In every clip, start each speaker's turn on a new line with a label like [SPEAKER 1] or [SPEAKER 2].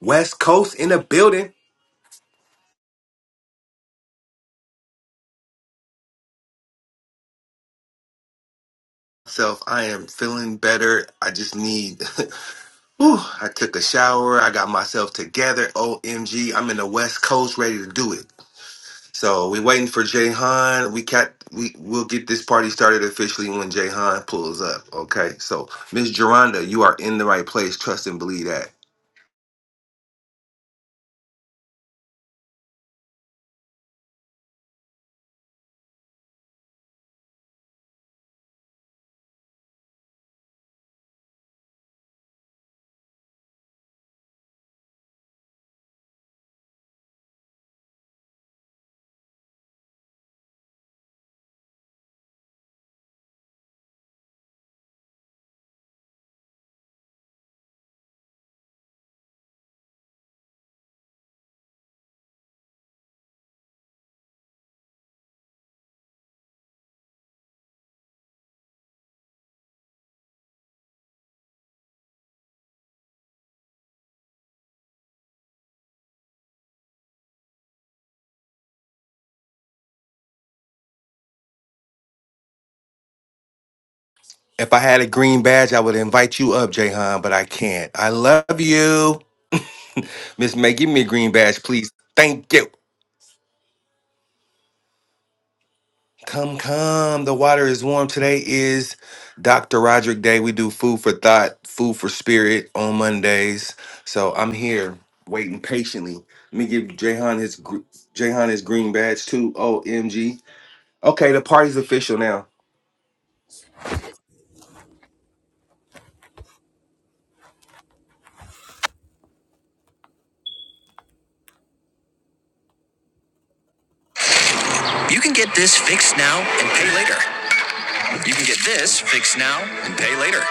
[SPEAKER 1] West Coast in the building. Self, I am feeling better. I just need. Whew, I took a shower. I got myself together. OMG, I'm in the West Coast, ready to do it. So we waiting for Jay Han. We cat. We will get this party started officially when Jay Han pulls up. Okay. So Miss Geronda, you are in the right place. Trust and believe that. If I had a green badge, I would invite you up, Jay Han, but I can't. I love you, Miss May. Give me a green badge, please. Thank you. Come, come. The water is warm. Today is Dr. Roderick Day. We do food for thought, food for spirit on Mondays. So I'm here waiting patiently. Let me give Jahan his gr- Jahan his green badge too. OMG. Okay, the party's official now.
[SPEAKER 2] You can get this fixed now and pay later. You can get this fixed now and pay later.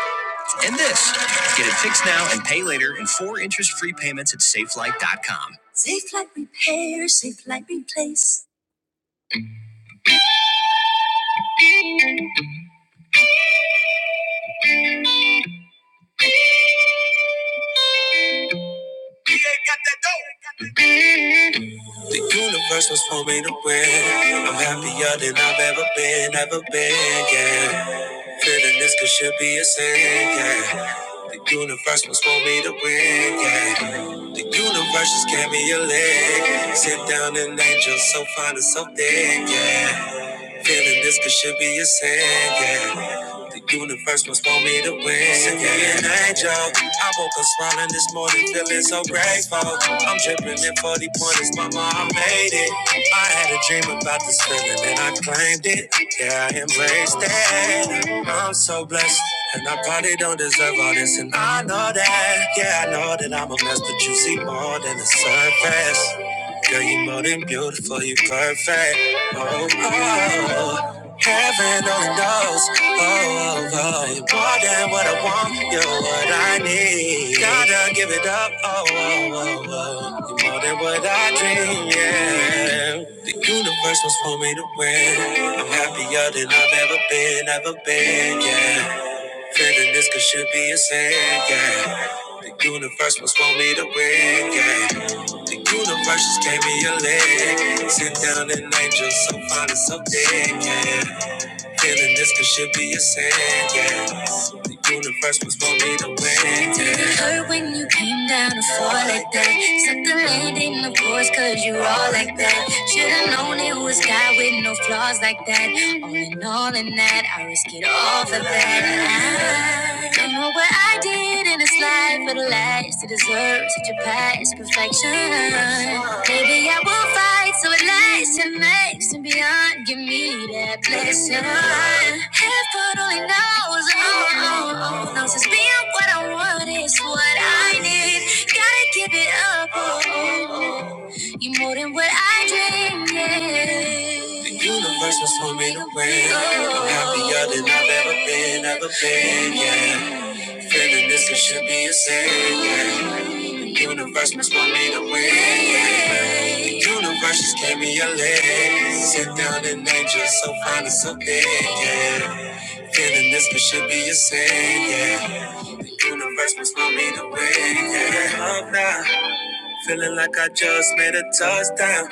[SPEAKER 2] And this. Get it fixed now and pay later in four interest free payments at safelight.com. Safe Light Repair, Safe Light Replace. The universe was for me to win. I'm happier than I've ever been, ever been, yeah. Feeling this could should be a sin, yeah. The universe must want me to win, yeah. The universe just gave me a leg. Sit down an angel so fine and so thick, yeah. Feeling this could should be a sin, yeah. The universe must want me to win. Send an angel. I woke up smiling this morning, feeling so grateful. I'm dripping in 40 pointers, mama, I made it. I had a dream about this feeling and I claimed it. Yeah, I embraced it. I'm so blessed. And I probably don't deserve all this, and I know that. Yeah, I know that I'm a mess, but you see more than the surface. Girl, you are more than beautiful, you are perfect. Oh, oh, heaven only knows. Oh, oh, oh, you more than what I want, you're what I need. Gotta give it up. Oh, oh, oh, oh, you more than what I dream. Yeah, the universe was for me to win. I'm happier than I've ever been, ever been. Yeah. Feeling this could should be a sin, yeah. The universe must want me to win, yeah. The universe just gave me a leg. Sit down an angel so fine and so big, yeah. Feeling this could should be a sin, yeah. The universe was for me to win, yeah. it hurt when you came down to fall like that? Set the landing, of course, cause you all like that. Should've known it was God with no flaws like that. All in all, in that, I risk it all for that. I don't know what I did in this life for the last to deserve such a past perfection. Maybe I will fight so it lasts and makes and beyond. Give me that blessing. Heaven only knows, oh, oh, oh, knows it's being what I want is what I need. Gotta give it up, oh, oh, oh. You more than what I dreamed. yeah. The universe was for me to win. I'm happier than I've ever been, ever been. Yeah, feeling this it should be a sin. Yeah, the universe must want me to win. Yeah, the universe just gave me a leg. Sit down and angel, so fine and so big. Yeah, feeling this it should be a sin. Yeah. The universe must want me to win. Yeah. love now. Feeling like I just made a touchdown.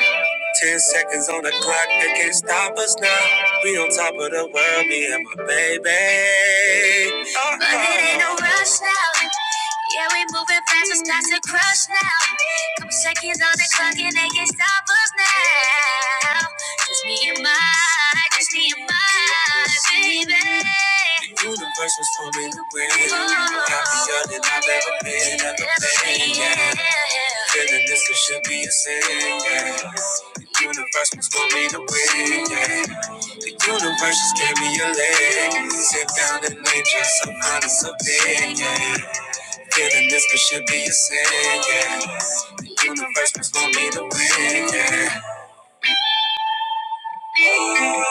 [SPEAKER 2] Ten seconds on the clock, they can't stop us now. We on top of the world, me and my baby. Uh-oh. But it ain't no rush now. Yeah, we moving fast, it's not to crush now. Couple seconds on the clock and they can't stop us now. Just me and my I just need my vibe, baby. The universe was for me to win. Happier than I've ever been, ever been. Yeah. Feeling this it should be a sin. Yeah. The universe was for me to win. Yeah. The universe just gave me a leg. Sit down and lay just some honest opinion. Yeah. Feeling this it should be a sin. Yeah. The universe was for me to win. Yeah.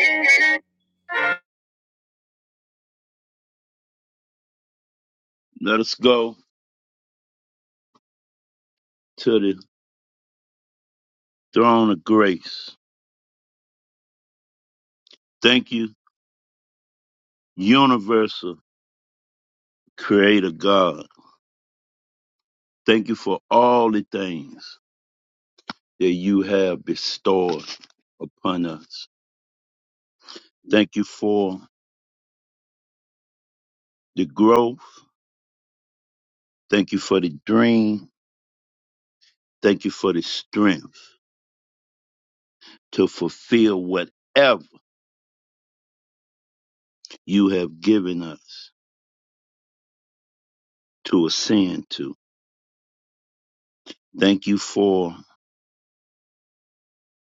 [SPEAKER 2] Thank you.
[SPEAKER 3] Let us go to the throne of grace. Thank you, universal creator God. Thank you for all the things that you have bestowed upon us. Thank you for the growth. Thank you for the dream. Thank you for the strength to fulfill whatever you have given us to ascend to. Thank you for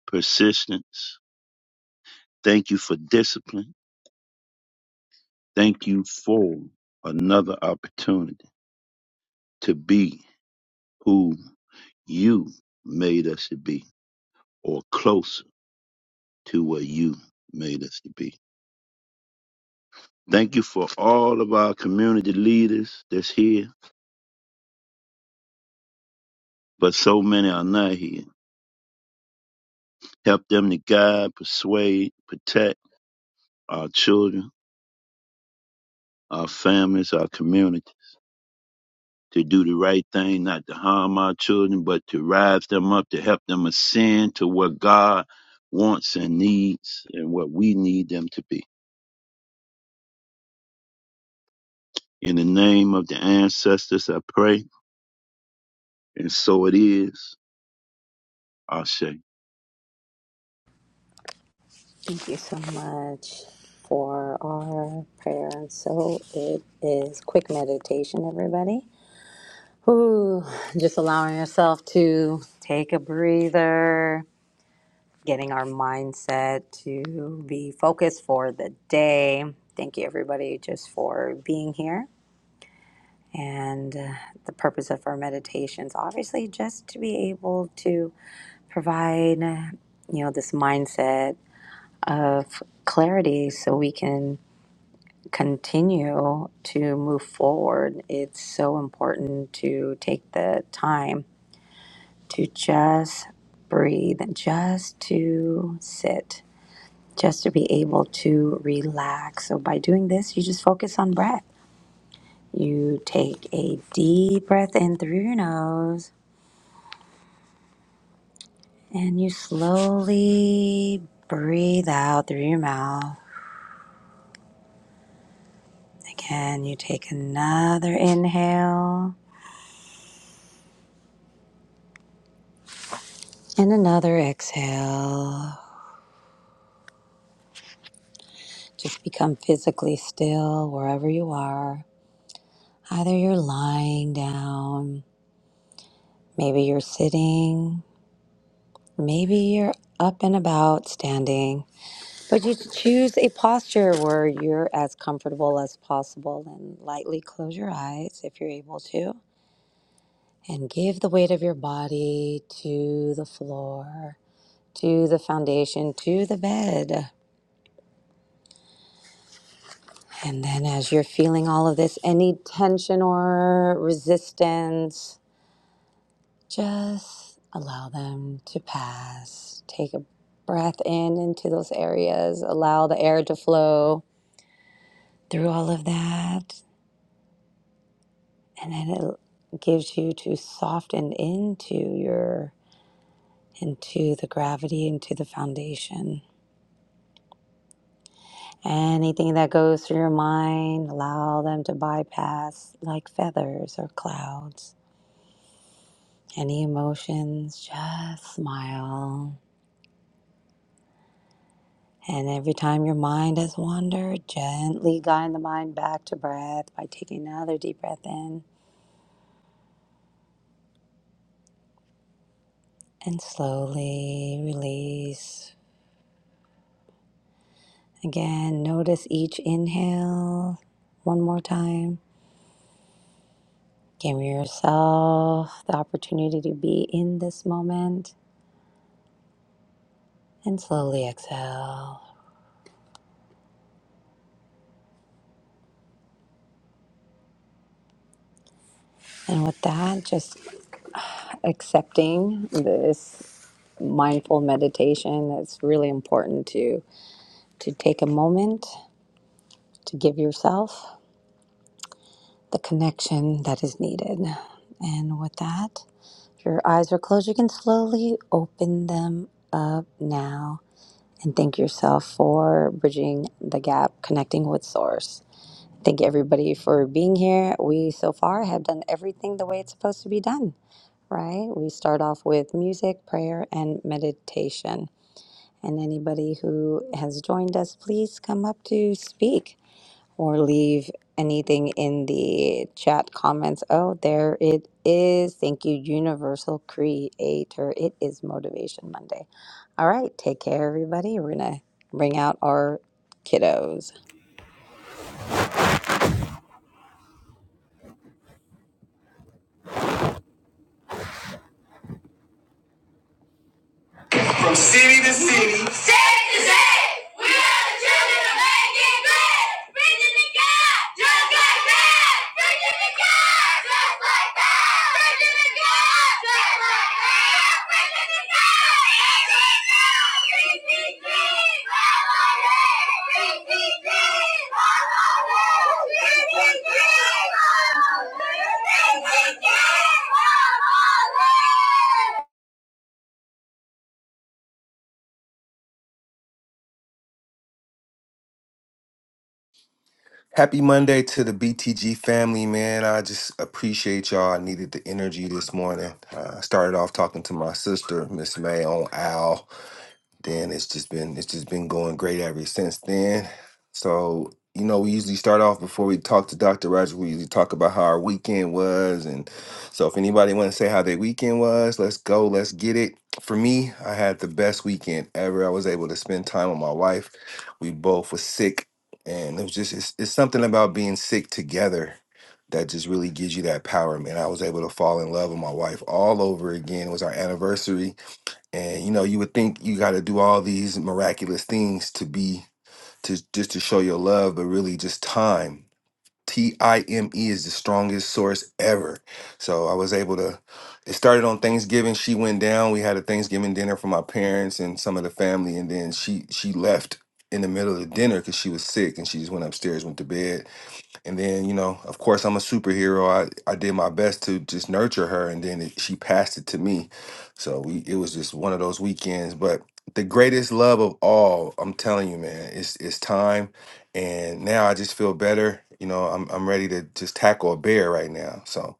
[SPEAKER 3] persistence. Thank you for discipline. Thank you for another opportunity to be who you made us to be or closer to what you made us to be. Thank you for all of our community leaders that's here, but so many are not here. Help them to guide, persuade, protect our children, our families, our community to do the right thing, not to harm our children, but to rise them up, to help them ascend to what God wants and needs and what we need them to be. In the name of the ancestors, I pray, and so it is. Ashe.
[SPEAKER 4] Thank you so much for our prayer. And so it is quick meditation, everybody. Whew, just allowing yourself to take a breather, getting our mindset to be focused for the day. Thank you, everybody, just for being here. And uh, the purpose of our meditations, obviously, just to be able to provide, uh, you know, this mindset of clarity so we can continue to move forward, it's so important to take the time to just breathe, just to sit, just to be able to relax. So, by doing this, you just focus on breath. You take a deep breath in through your nose and you slowly breathe out through your mouth. Again, you take another inhale and another exhale. Just become physically still wherever you are. Either you're lying down, maybe you're sitting, maybe you're up and about standing, but you choose a posture where you're as comfortable as possible and lightly close your eyes if you're able to and give the weight of your body to the floor, to the foundation, to the bed. And then as you're feeling all of this, any tension or resistance, Just allow them to pass. Take a breath in into those areas. Allow the air to flow through all of that. And then it gives you to soften into your into the gravity, into the foundation. Anything that goes through your mind, allow them to bypass like feathers or clouds. Any emotions, just smile. And every time your mind has wandered, gently guide the mind back to breath by taking another deep breath in and slowly release. Again, notice each inhale one more time. Give yourself the opportunity to be in this moment and slowly exhale. And with that, just accepting this mindful meditation, it's really important to, to take a moment to give yourself the connection that is needed. And with that, if your eyes are closed, you can slowly open them up now and thank yourself for bridging the gap, connecting with Source. Thank everybody for being here. We so far have done everything the way it's supposed to be done, right? We start off with music, prayer, and meditation. And anybody who has joined us, please come up to speak or leave anything in the chat comments. Oh, there it is. Thank you, Universal Creator. It is Motivation Monday. All right, take care, everybody. We're going to bring out our kiddos.
[SPEAKER 2] city to city. State to state. We are the children of making good. Preaching to God just like that. Preaching to God just like that. Preaching to God just like that. Preaching to God. PTG, PTG, PTG, PTG, PTG,
[SPEAKER 1] Happy Monday to the BTG family, man. I just appreciate y'all. I needed the energy this morning. Uh, I started off talking to my sister, Miss May, on Al. then it's just been it's just been going great ever since then. So you know, we usually start off before we talk to Dr. Roger. We usually talk about how our weekend was, and so if anybody want to say how their weekend was, let's go, let's get it. For me, I had the best weekend ever. I was able to spend time with my wife. We both were sick, and it was just it's, it's something about being sick together that just really gives you that power, man. I was able to fall in love with my wife all over again. It was our anniversary and you know you would think you got to do all these miraculous things to be to just to show your love but really just time t-i-m-e is the strongest source ever so i was able to it started on thanksgiving she went down we had a thanksgiving dinner for my parents and some of the family and then she she left in the middle of the dinner because she was sick and she just went upstairs went to bed and then, you know, of course, I'm a superhero. I, I did my best to just nurture her, and then it, she passed it to me. So we, it was just one of those weekends. But the greatest love of all, I'm telling you, man, it's it's time. And now I just feel better. You know, I'm I'm ready to just tackle a bear right now. So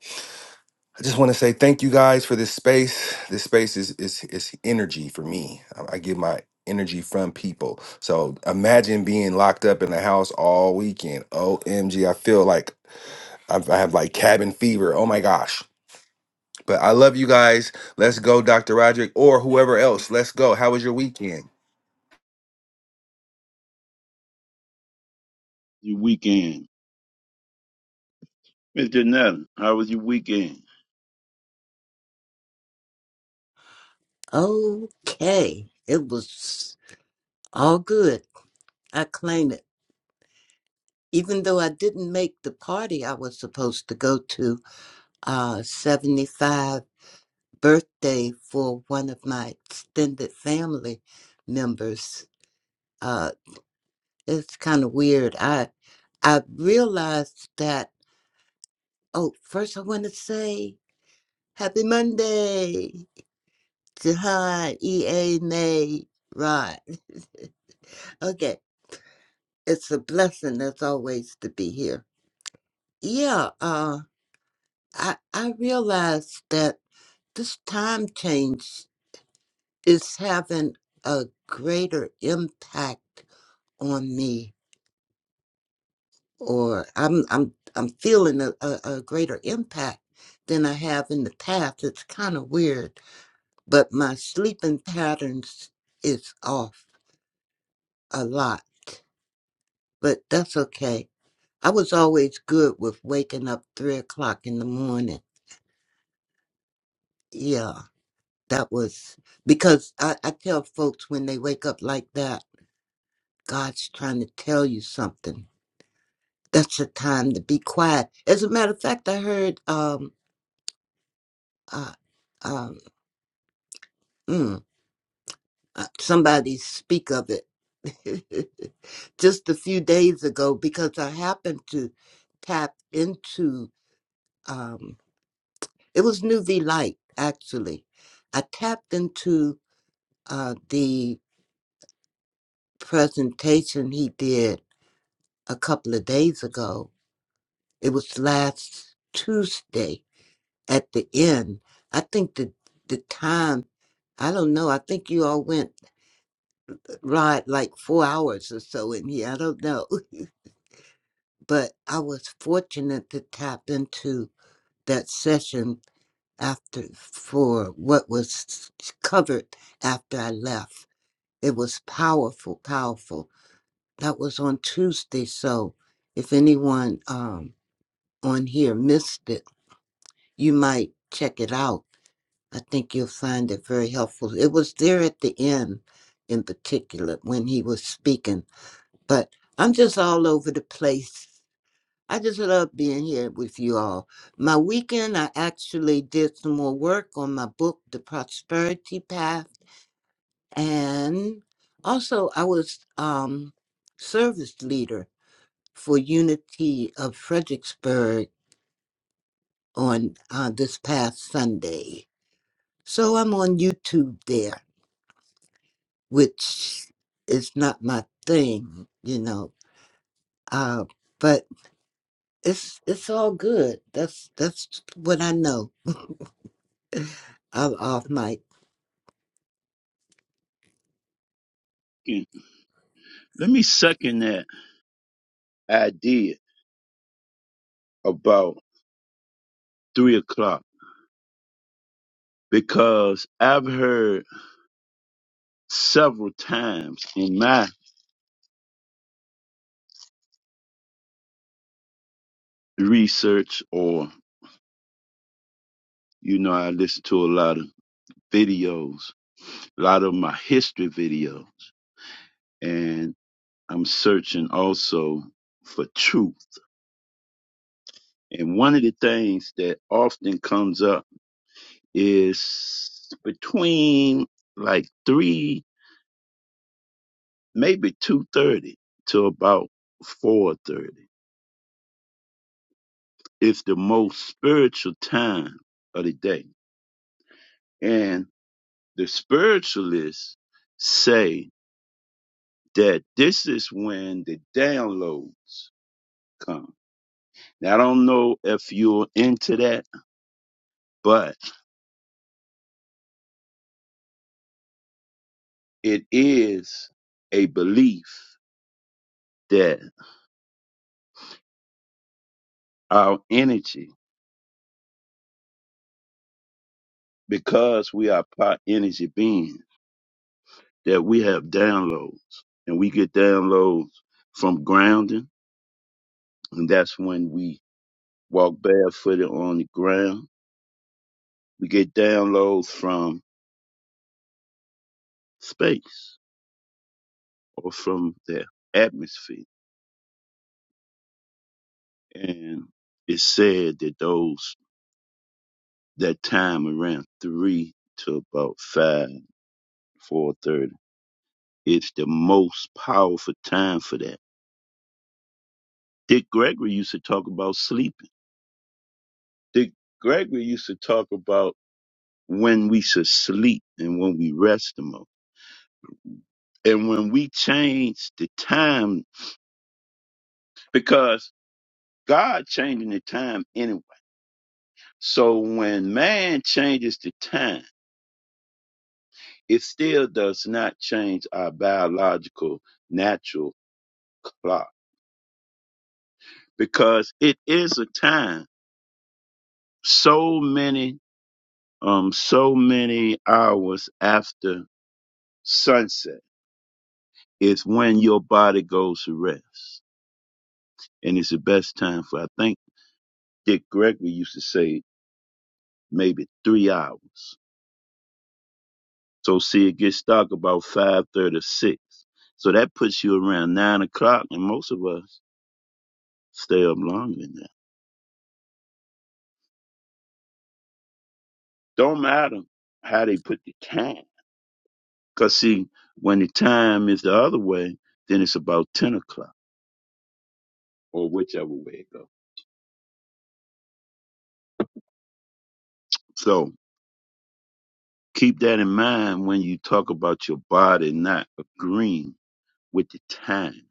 [SPEAKER 1] I just want to say thank you guys for this space. This space is is is energy for me. I, I get my energy from people. So imagine being locked up in the house all weekend. OMG, I feel like I've, I have like cabin fever. Oh my gosh. But I love you guys. Let's go, Dr. Roderick, or whoever else. Let's go. How was your weekend?
[SPEAKER 3] Your weekend. Mr. Nelson, how was your weekend?
[SPEAKER 5] Okay. It was all good. I claim it. Even though I didn't make the party I was supposed to go to, uh, 75 birthday for one of my extended family members. Uh, it's kind of weird. I, I realized that, oh, first I want to say happy Monday to hi, EA May, Rod. Okay. It's a blessing as always to be here. Yeah, uh, I I realize that this time change is having a greater impact on me, or I'm I'm I'm feeling a, a, a greater impact than I have in the past. It's kind of weird, but my sleeping patterns is off a lot, but that's okay. I was always good with waking up three o'clock in the morning. Yeah. That was because I, I tell folks when they wake up like that, God's trying to tell you something. That's the time to be quiet. As a matter of fact, I heard um, uh, um, mm, uh, somebody speak of it just a few days ago because I happened to tap into um, it was New V Light actually. I tapped into uh, the presentation he did a couple of days ago. It was last Tuesday at the end. I think the the time I don't know. I think you all went uh, ride like four hours or so in here. I don't know. But I was fortunate to tap into that session after for what was covered after I left. It was powerful, powerful. That was on Tuesday, so if anyone um on here missed it you might check it out. I think you'll find it very helpful. It was there at the end, in particular, when he was speaking. But I'm just all over the place. I just love being here with you all. My weekend, I actually did some more work on my book, The Prosperity Path. And also, I was um, service leader for Unity of Fredericksburg on uh, this past Sunday. So I'm on YouTube there, which is not my thing, you know. Uh, but it's it's all good. That's that's what I know. I'm off mic.
[SPEAKER 3] Yeah. Let me second that idea about three o'clock because I've heard several times in my research or you know, I listen to a lot of videos, a lot of my history videos, and I'm searching also for truth. And one of the things that often comes up is between like three, maybe two thirty to about four thirty. It's the most spiritual time of the day, and the spiritualists say that this is when the downloads come Now, I don't know if you're into that, but it is a belief that our energy, because we are part energy beings, that we have downloads and we get downloads from grounding. And that's when we walk barefooted on the ground. We get downloads from space or from the atmosphere. And it's said that those that time around three to about five, four thirty. It's the most powerful time for that. Dick Gregory used to talk about sleeping. Dick Gregory used to talk about when we should sleep and when we rest the most. And when we change the time, because God changing the time anyway. So when man changes the time, it still does not change our biological natural clock because it is a time so many um so many hours after sunset is when your body goes to rest and it's the best time for i think dick gregory used to say maybe three hours so see it gets dark about five thirty six so that puts you around nine o'clock and most of us stay up longer than that don't matter how they put the time Because, see, when the time is the other way, then it's about 10 o'clock or whichever way it goes. So keep that in mind when you talk about your body not agreeing with the time.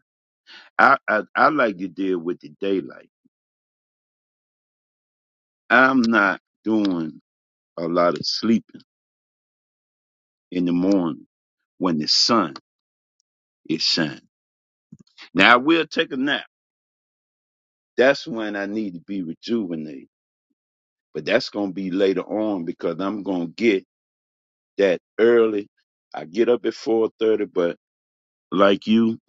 [SPEAKER 3] I, I, I like to deal with the daylight. I'm not doing a lot of sleeping in the morning when the sun is shining. Now, I will take a nap. That's when I need to be rejuvenated. But that's going to be later on because I'm going to get that early. I get up at four thirty, but like you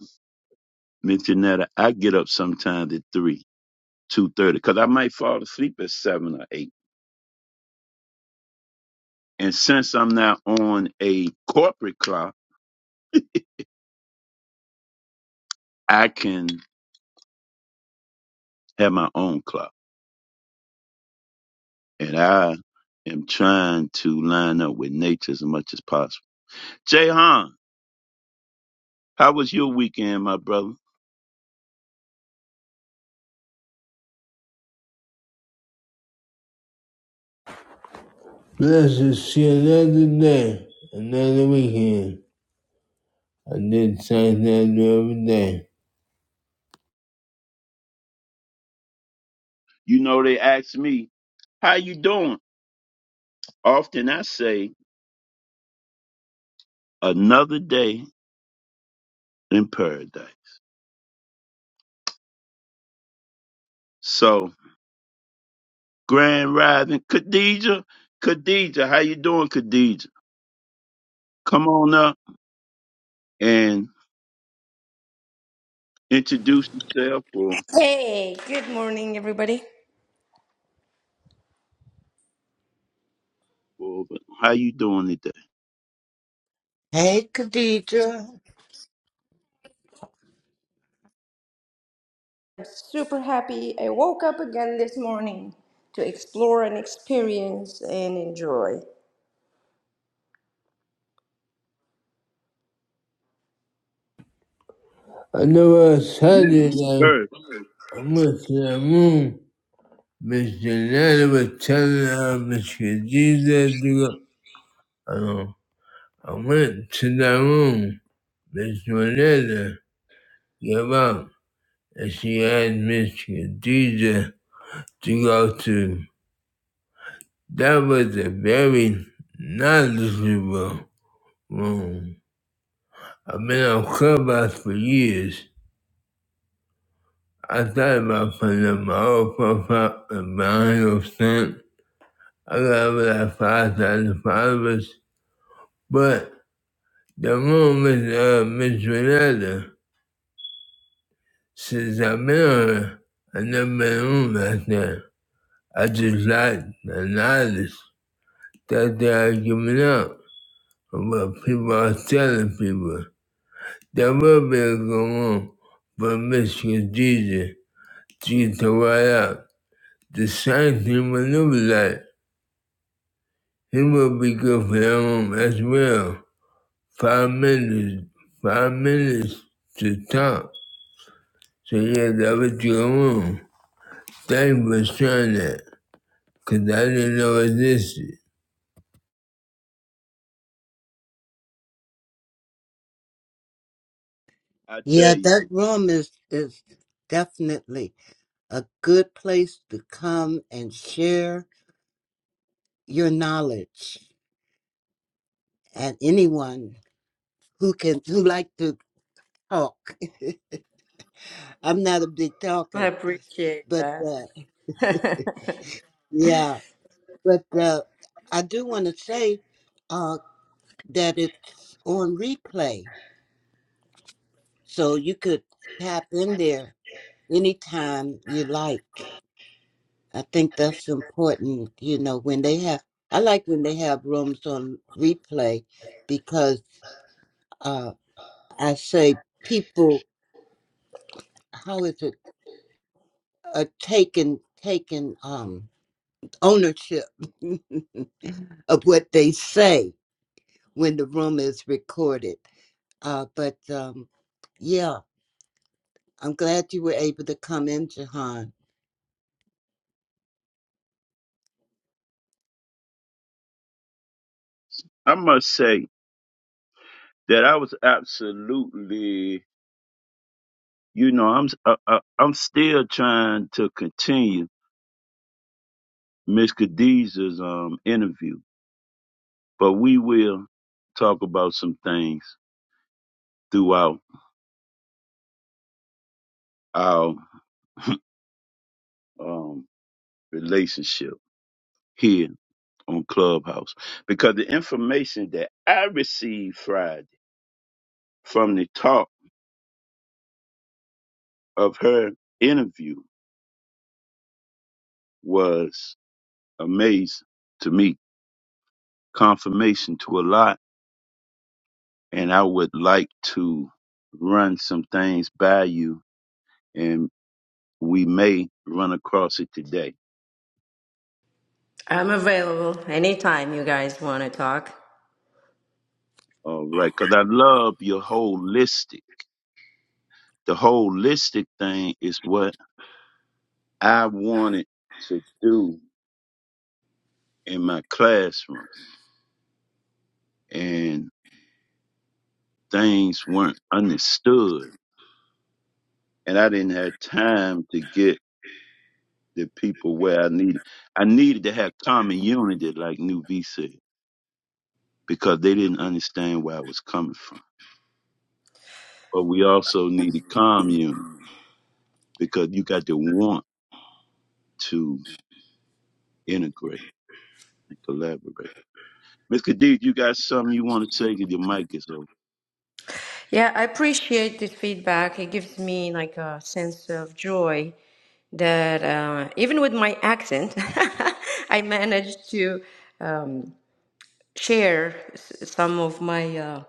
[SPEAKER 3] mentioned that I get up sometimes at three, two thirty, because I might fall asleep at seven or eight. And since I'm not on a corporate clock, I can have my own clock, and I am trying to line up with nature as much as possible. Jay Han, how was your weekend, my brother?
[SPEAKER 2] Bless us, see another day, another weekend. I did something that I do every day.
[SPEAKER 3] You know they ask me, "How you doing?" Often I say, "Another day in paradise." So Grand Rising. Khadija, Khadija, how you doing, Khadija? Come on up and introduce yourself or,
[SPEAKER 6] Hey, good morning, everybody.
[SPEAKER 3] or how you doing today.
[SPEAKER 5] Hey, Khadija.
[SPEAKER 6] I'm super happy I woke up again this morning to explore and experience and enjoy.
[SPEAKER 2] I know on
[SPEAKER 3] Ladies
[SPEAKER 2] Saturday, night,
[SPEAKER 3] First,
[SPEAKER 2] I went to the room. Mr. Nana was telling her Mr. Jesus to go. I, know. I went to the room. Mr. Nana gave up, and she asked Mr. Jesus to go to. That was a very knowledgeable room. I've been on Clubhouse for years. I thought about putting up my own profile and buying a stamp. I got over like 5,000 followers. But the room with uh, Miss Renata, since I've been on her, i never been in like that. I just like the knowledge that they are giving out about people are telling people. There will be a good room for Miss Khadija. She can write out. the Satan will remember that he will be good for them as well. Five minutes, five minutes to talk. So yeah, that was your room. Thank you for sharing that, cause I didn't know it existed.
[SPEAKER 3] I tell
[SPEAKER 5] Yeah,
[SPEAKER 3] you,
[SPEAKER 5] that room is is definitely a good place to come and share your knowledge. And anyone who can who like to talk. I'm not a big
[SPEAKER 6] I
[SPEAKER 5] talker,
[SPEAKER 6] appreciate
[SPEAKER 5] but
[SPEAKER 6] that.
[SPEAKER 5] uh, yeah. But uh, I do want to say uh, that it's on replay, so you could tap in there anytime you like. I think that's important. You know, when they have, I like when they have rooms on replay because uh, I say people, how is it, are taking taking um, ownership of what they say when the room is recorded. Uh, but um, yeah, I'm glad you were able to come in, Jahan.
[SPEAKER 3] I must say that I was absolutely, you know, I'm I, I, I'm still trying to continue Miss Khadija's um interview, but we will talk about some things throughout our um relationship here on Clubhouse because the information that I received Friday from the talk of her interview was amazing to me. Confirmation to a lot. And I would like to run some things by you and we may run across it today.
[SPEAKER 6] I'm available anytime you guys want to talk.
[SPEAKER 3] All right. Cause I love your holistic. The holistic thing is what I wanted to do in my classroom. And things weren't understood and I didn't have time to get the people where I needed. I needed to have common unity, like New V said, because they didn't understand where I was coming from. But we also needed commune because you got to want to integrate and collaborate. Miss Khadid, you got something you want to say 'Cause your mic is open.
[SPEAKER 6] Yeah, I appreciate this feedback. It gives me like a sense of joy that uh, even with my accent, I managed to um, share s- some of my uh,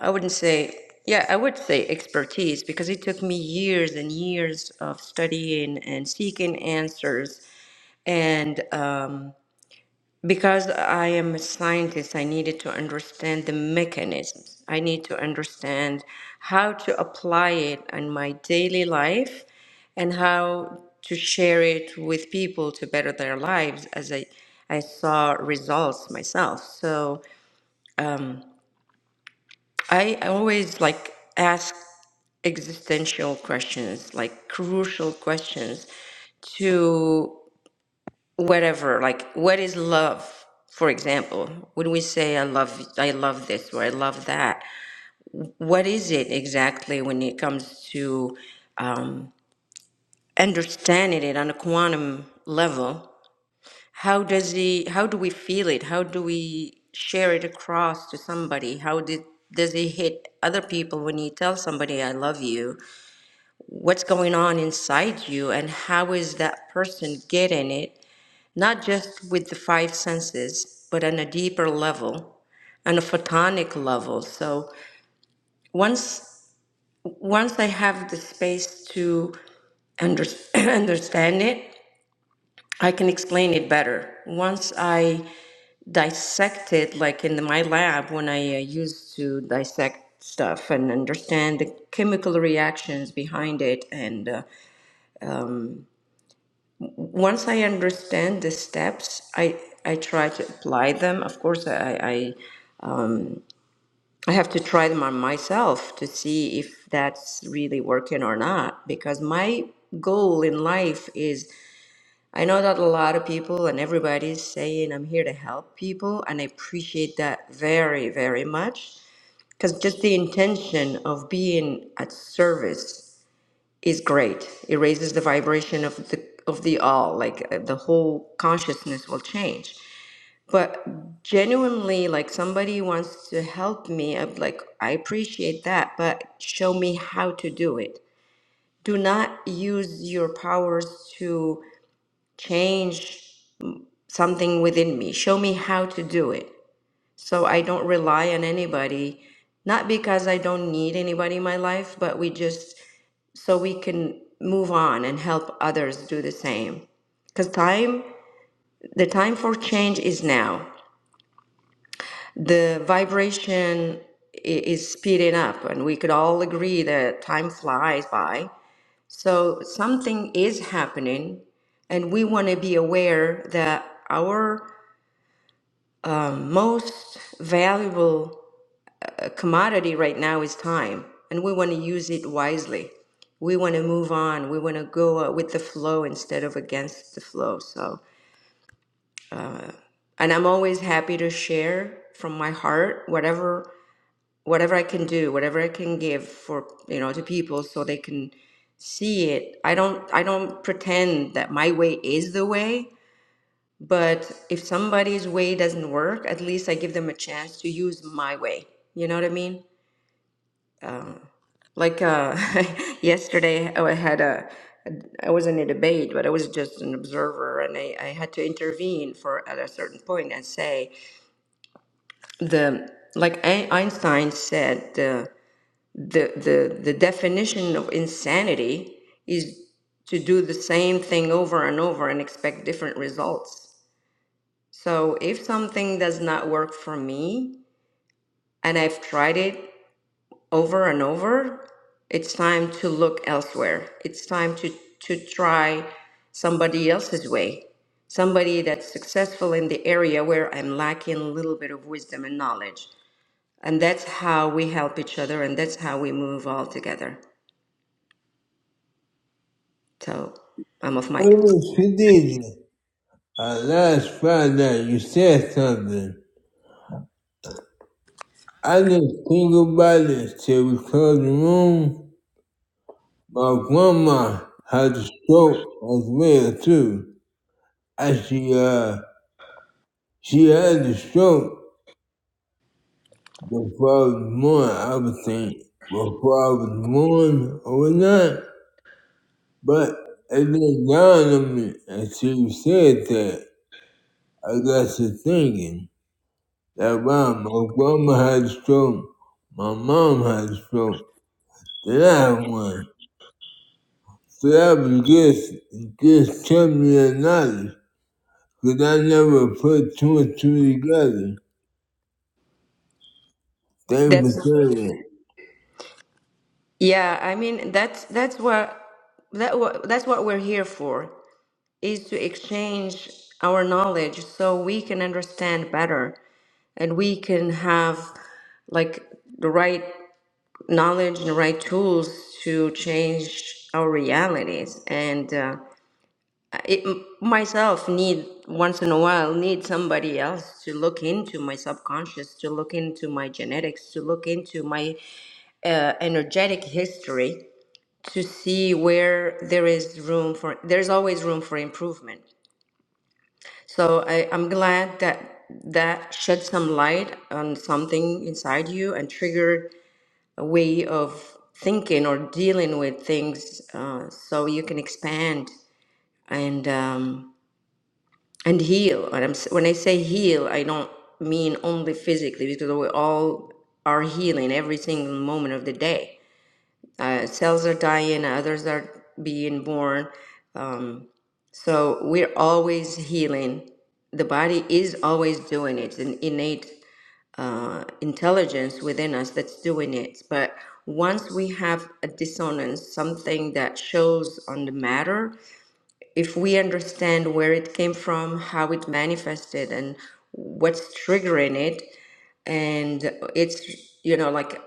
[SPEAKER 6] I wouldn't say, yeah, I would say expertise because it took me years and years of studying and seeking answers. And um, because I am a scientist, I needed to understand the mechanisms. I need to understand how to apply it in my daily life and how to share it with people to better their lives as I, I saw results myself. So I always like ask existential questions, like crucial questions to whatever, like what is love? For example, when we say I love I love this or I love that, what is it exactly when it comes to um, understanding it on a quantum level? how does he how do we feel it how do we share it across to somebody how did does it hit other people when you tell somebody i love you what's going on inside you and how is that person getting it not just with the five senses but on a deeper level on a photonic level so once once i have the space to under, understand it i can explain it better once I. dissect it like in my lab when I uh, used to dissect stuff and understand the chemical reactions behind it. And uh, once I understand the steps, I I try to apply them. Of course, I, I I have to try them on myself to see if that's really working or not. Because my goal in life is I know that a lot of people and everybody's saying I'm here to help people, and I appreciate that very very much because just the intention of being at service is great it raises the vibration of the of the all like uh, the whole consciousness will change but genuinely like somebody wants to help me I'm like i appreciate that but show me how to do it do not use your powers to change mm, something within me show me how to do it so I don't rely on anybody, not because I don't need anybody in my life, but we just so we can move on and help others do the same. Because time, the time for change is now. The vibration i- is speeding up, and we could all agree that time flies by. So something is happening, and we want to be aware that our um, most valuable commodity right now is time, and we want to use it wisely. We want to move on. We want to go uh, with the flow instead of against the flow. So, and I'm always happy to share from my heart whatever whatever I can do, whatever I can give for you know to people so they can see it. I don't I don't pretend that my way is the way, but if somebody's way doesn't work, at least I give them a chance to use my way. You know what I mean? Like uh, yesterday, I had a, I was in a debate, but I was just an observer, and I, I had to intervene for at a certain point and say the like Ein- Einstein said the the the, the definition of insanity is to do the same thing over and over and expect different results. So if something does not work for me and I've tried it over and over, it's time to look elsewhere. It's time to, to try somebody else's way, somebody that's successful in the area where I'm lacking a little bit of wisdom and knowledge. And that's how we help each other and that's how we move all together. So I'm off mic.
[SPEAKER 2] Oh, Khadija, uh, last Friday you said something. I didn't think about it till we closed the room. My grandma had a stroke as well too. As she uh she had a stroke Before I was born, I would think before I was born or not, but it didn't dawn on me until you said that. I got to thinking that wow, my grandma had a stroke, my mom had a stroke, then I had one. So that was just, just telling me the knowledge, because I never put two and two together. Thank you for
[SPEAKER 6] That's
[SPEAKER 2] saying
[SPEAKER 6] yeah, I mean that's that's what that what that's what we're here for. is to exchange our knowledge so we can understand better and we can have like the right knowledge and the right tools to change our realities and uh, it, myself need once in a while need somebody else to look into my subconscious to look into my genetics to look into my uh, energetic history to see where there is room for there's always room for improvement So I, I'm glad that that shed some light on something inside you and triggered a way of thinking or dealing with things uh, so you can expand and um, and heal. And I'm, s- when I say heal, I don't mean only physically because we all are healing every single moment of the day. Uh, cells are dying, others are being born. Um, so we're always healing. The body is always doing it. It's an innate uh, intelligence within us that's doing it. But once we have a dissonance, something that shows on the matter, if we understand where it came from, how it manifested, and what's triggering it, and it's you know like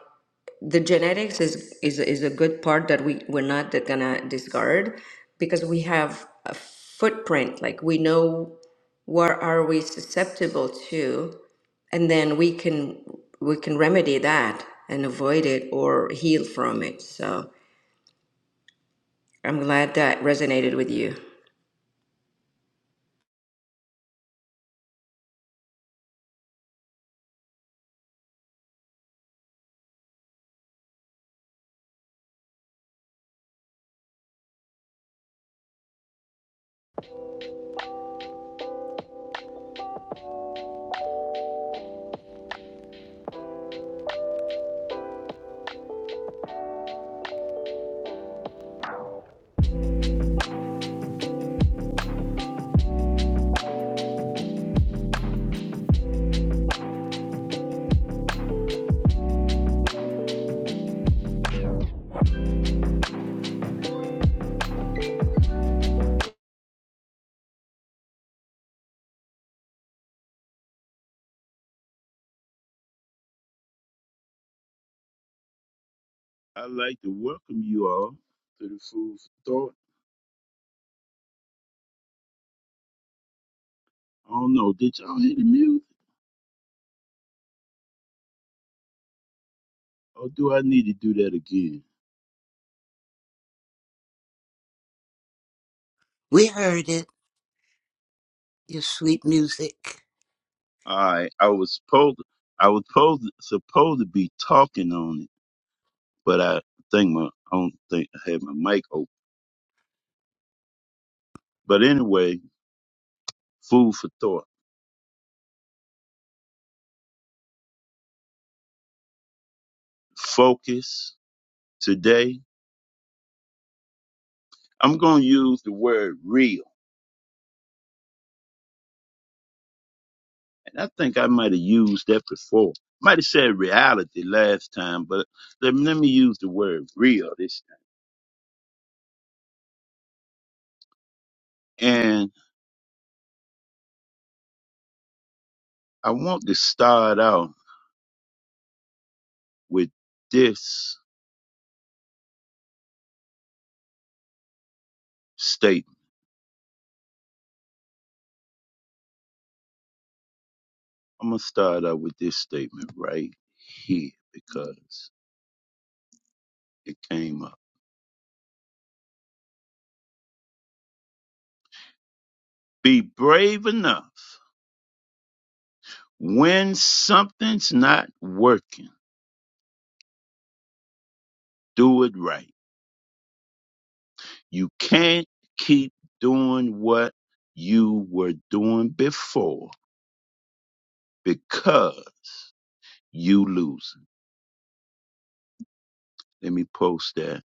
[SPEAKER 6] the genetics is is is a good part that we we're not that gonna discard because we have a footprint like we know where are we susceptible to and then we can we can remedy that and avoid it or heal from it so i'm glad that resonated with you
[SPEAKER 3] I'd like to welcome you all to the Food for Thought. I don't know, did y'all hear the music? Or do I need to do that again?
[SPEAKER 5] We heard it, your sweet music.
[SPEAKER 3] I I was supposed I was supposed supposed to be talking on it, but I think my I don't think I had my mic open. But anyway, food for thought. Focus today. I'm gonna use the word real, and I think I might have used that before. Might have said reality last time, but let, let me use the word real this time. And I want to start out with this statement. I'm gonna start out with this statement right here because it came up. Be brave enough when something's not working, do it right. You can't keep doing what you were doing before because you losing. Let me post that.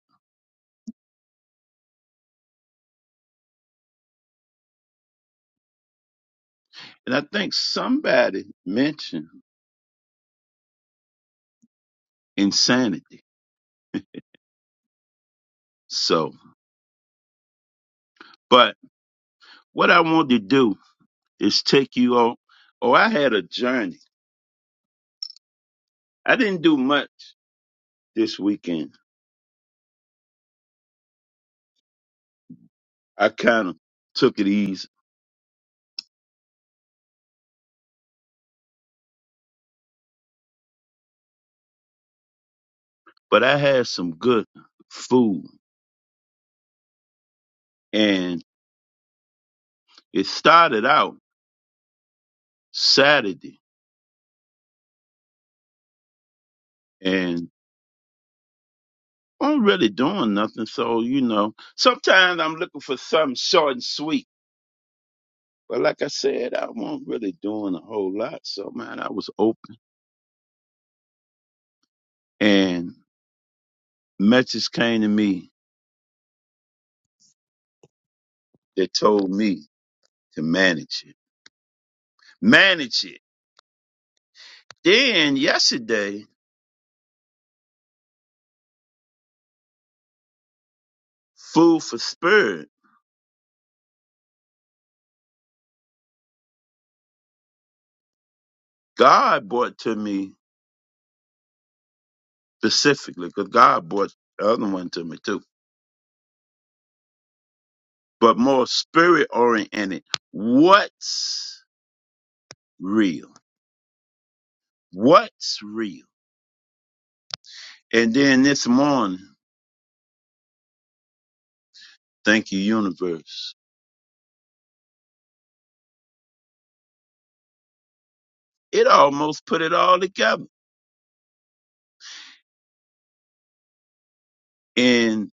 [SPEAKER 3] And I think somebody mentioned insanity. So, but what I want to do is take you on. Oh, I had a journey I didn't do much this weekend. I kind of took it easy, but I had some good food. And it started out Saturday, and I'm really doing nothing. So, you know, sometimes I'm looking for something short and sweet. But like I said, I wasn't really doing a whole lot. So, man, I was open. And messages came to me that told me to manage it. Manage it. Then yesterday, Food for Spirit God brought to me specifically, because God brought the other one to me too, but more spirit oriented. What's real? What's real? And then this morning, thank you, universe. It almost put it all together. Intention,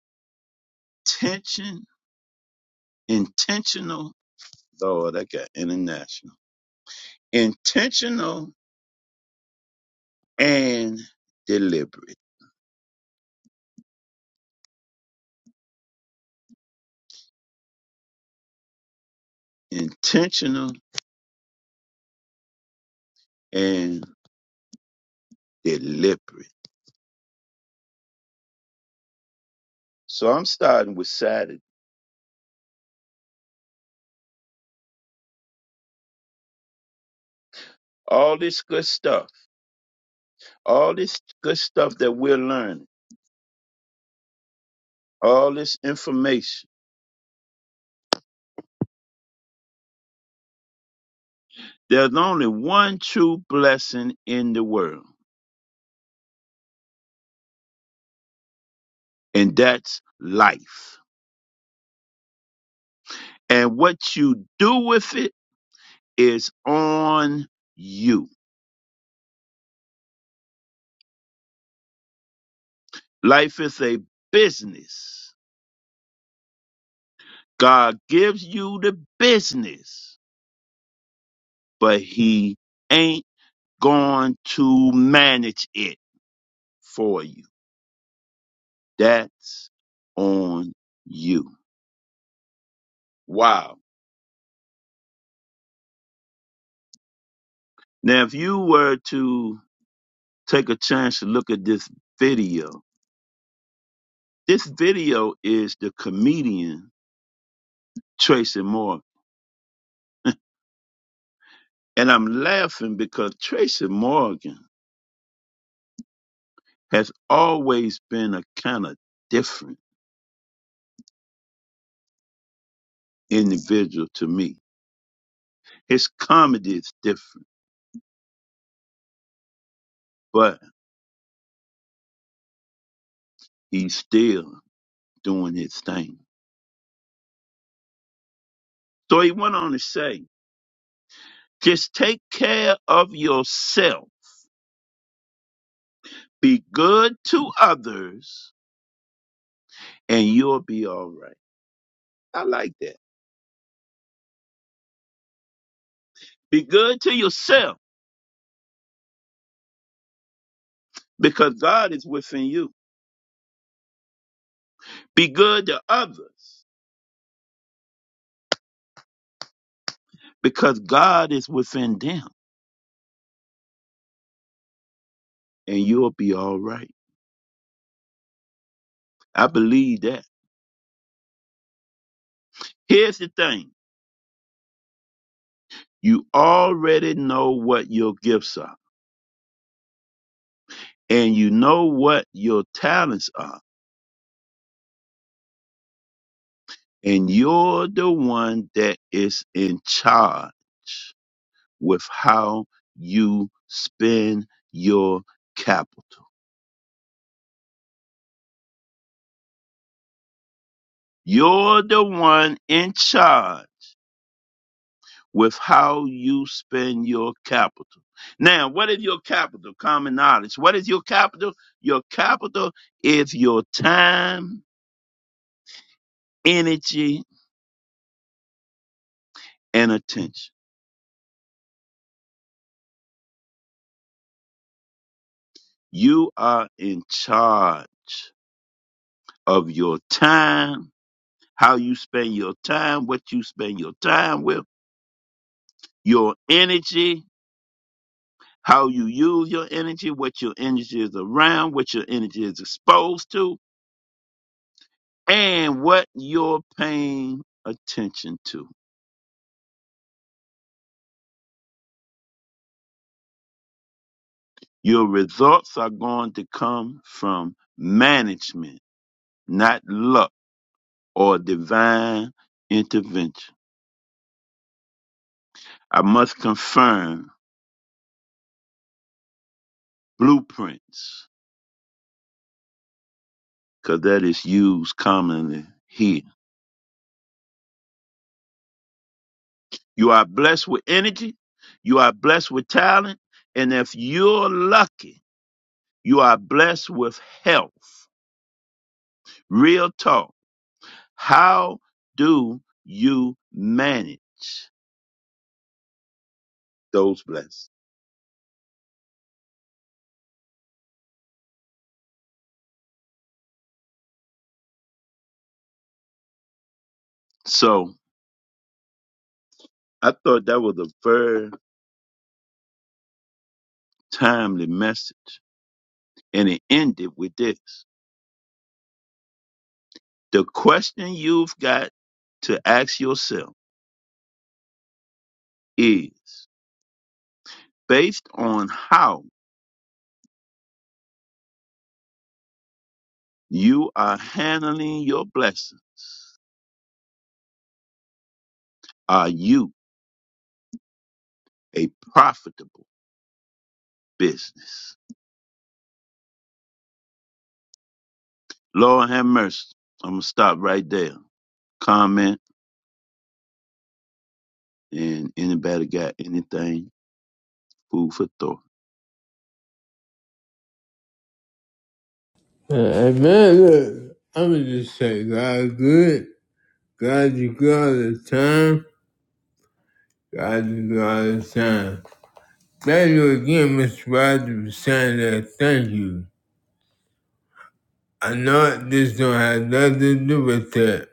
[SPEAKER 3] intentional. Lord, I got international. Intentional and deliberate. Intentional and deliberate. So I'm starting with Saturday. all this good stuff, all this good stuff that we're learning, all this information. There's only one true blessing in the world, and that's life. And what you do with it is on you. Life is a business. God gives you the business, but He ain't going to manage it for you. That's on you. Wow Now, if you were to take a chance to look at this video, this video is the comedian Tracy Morgan. And I'm laughing because Tracy Morgan has always been a kind of different individual to me. His comedy is different, but he's still doing his thing. So he went on to say, just take care of yourself, be good to others, and you'll be all right. I like that. Be good to yourself because God is within you. Be good to others because God is within them and you'll be all right. I believe that. Here's the thing. You already know what your gifts are and you know what your talents are and you're the one that is in charge with how you spend your capital. You're the one in charge with how you spend your capital. Now, what is your capital? Common knowledge. What is your capital? Your capital is your time, energy, and attention. You are in charge of your time, how you spend your time, what you spend your time with, your energy, how you use your energy, what your energy is around, what your energy is exposed to, and what you're paying attention to. Your results are going to come from management, not luck or divine intervention. I must confirm blueprints because that is used commonly here. You are blessed with energy, you are blessed with talent, and if you're lucky, you are blessed with health. Real talk. How do you manage those blessings? So I thought that was a very timely message. And it ended with this. The question you've got to ask yourself is based on how you are handling your blessing, are you a profitable business? Lord have mercy. I'm going to stop right there. Comment and anybody got anything, food for thought.
[SPEAKER 2] that. Uh, and man, look, I'm going to just say God good. God is good all the time. God is good all the time. Thank you again, Mr. Rogers, for saying that. Thank you. I know this don't have nothing to do with that,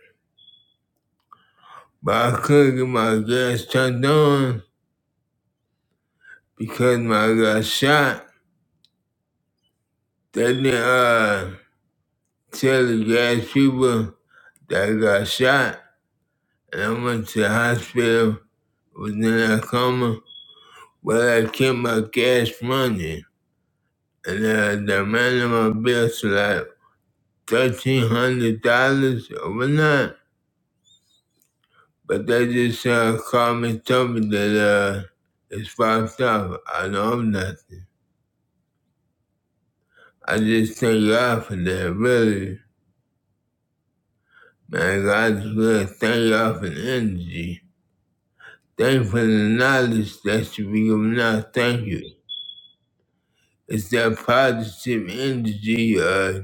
[SPEAKER 2] but I couldn't get my gas turned on because my got shot. They didn't uh, tell the gas people that I got shot, and I went to the hospital, was in a coma, but I kept my gas running. And uh, the man in my bill was like thirteen hundred dollars overnight. But they just uh, called me, told me that uh, it's fucked up. I know I'm nothing. I just thank God for that, really. Man, God is good. Thank God for the energy. Thank you for the knowledge that you be giving out. Thank you. It's that positive energy uh,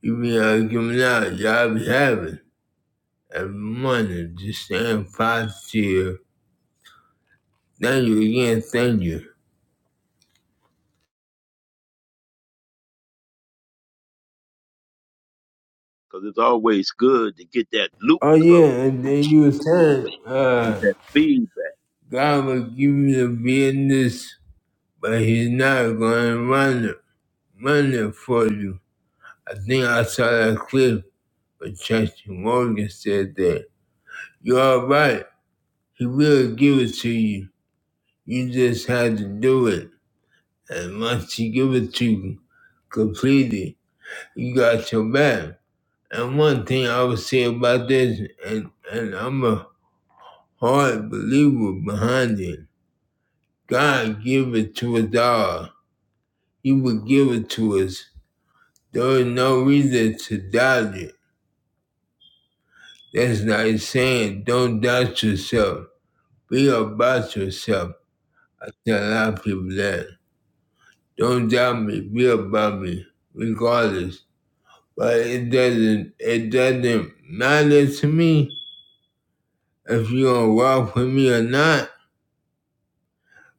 [SPEAKER 2] you be uh, giving out. Y'all be having every morning. Just staying positive. Thank you again. Thank you.
[SPEAKER 3] Because it's always good to get that loop
[SPEAKER 2] Oh yeah,
[SPEAKER 3] closed,
[SPEAKER 2] and then you were saying,
[SPEAKER 3] get
[SPEAKER 2] uh,
[SPEAKER 3] that feedback.
[SPEAKER 2] God will give you the business, but He's not going to run it, run it for you. I think I saw that clip where Chester Morgan said that. You're all right. He will give it to you. You just had to do it. And once He give it to you completely, you got your back. And one thing I would say about this, and, and I'm a hard believer behind it God give it to us all. He would give it to us. There is no reason to doubt it. That's like saying don't doubt yourself. Be about yourself. I tell a lot of people that. Don't doubt me, be about me, regardless. But it doesn't it doesn't matter to me if you're gonna walk with me or not,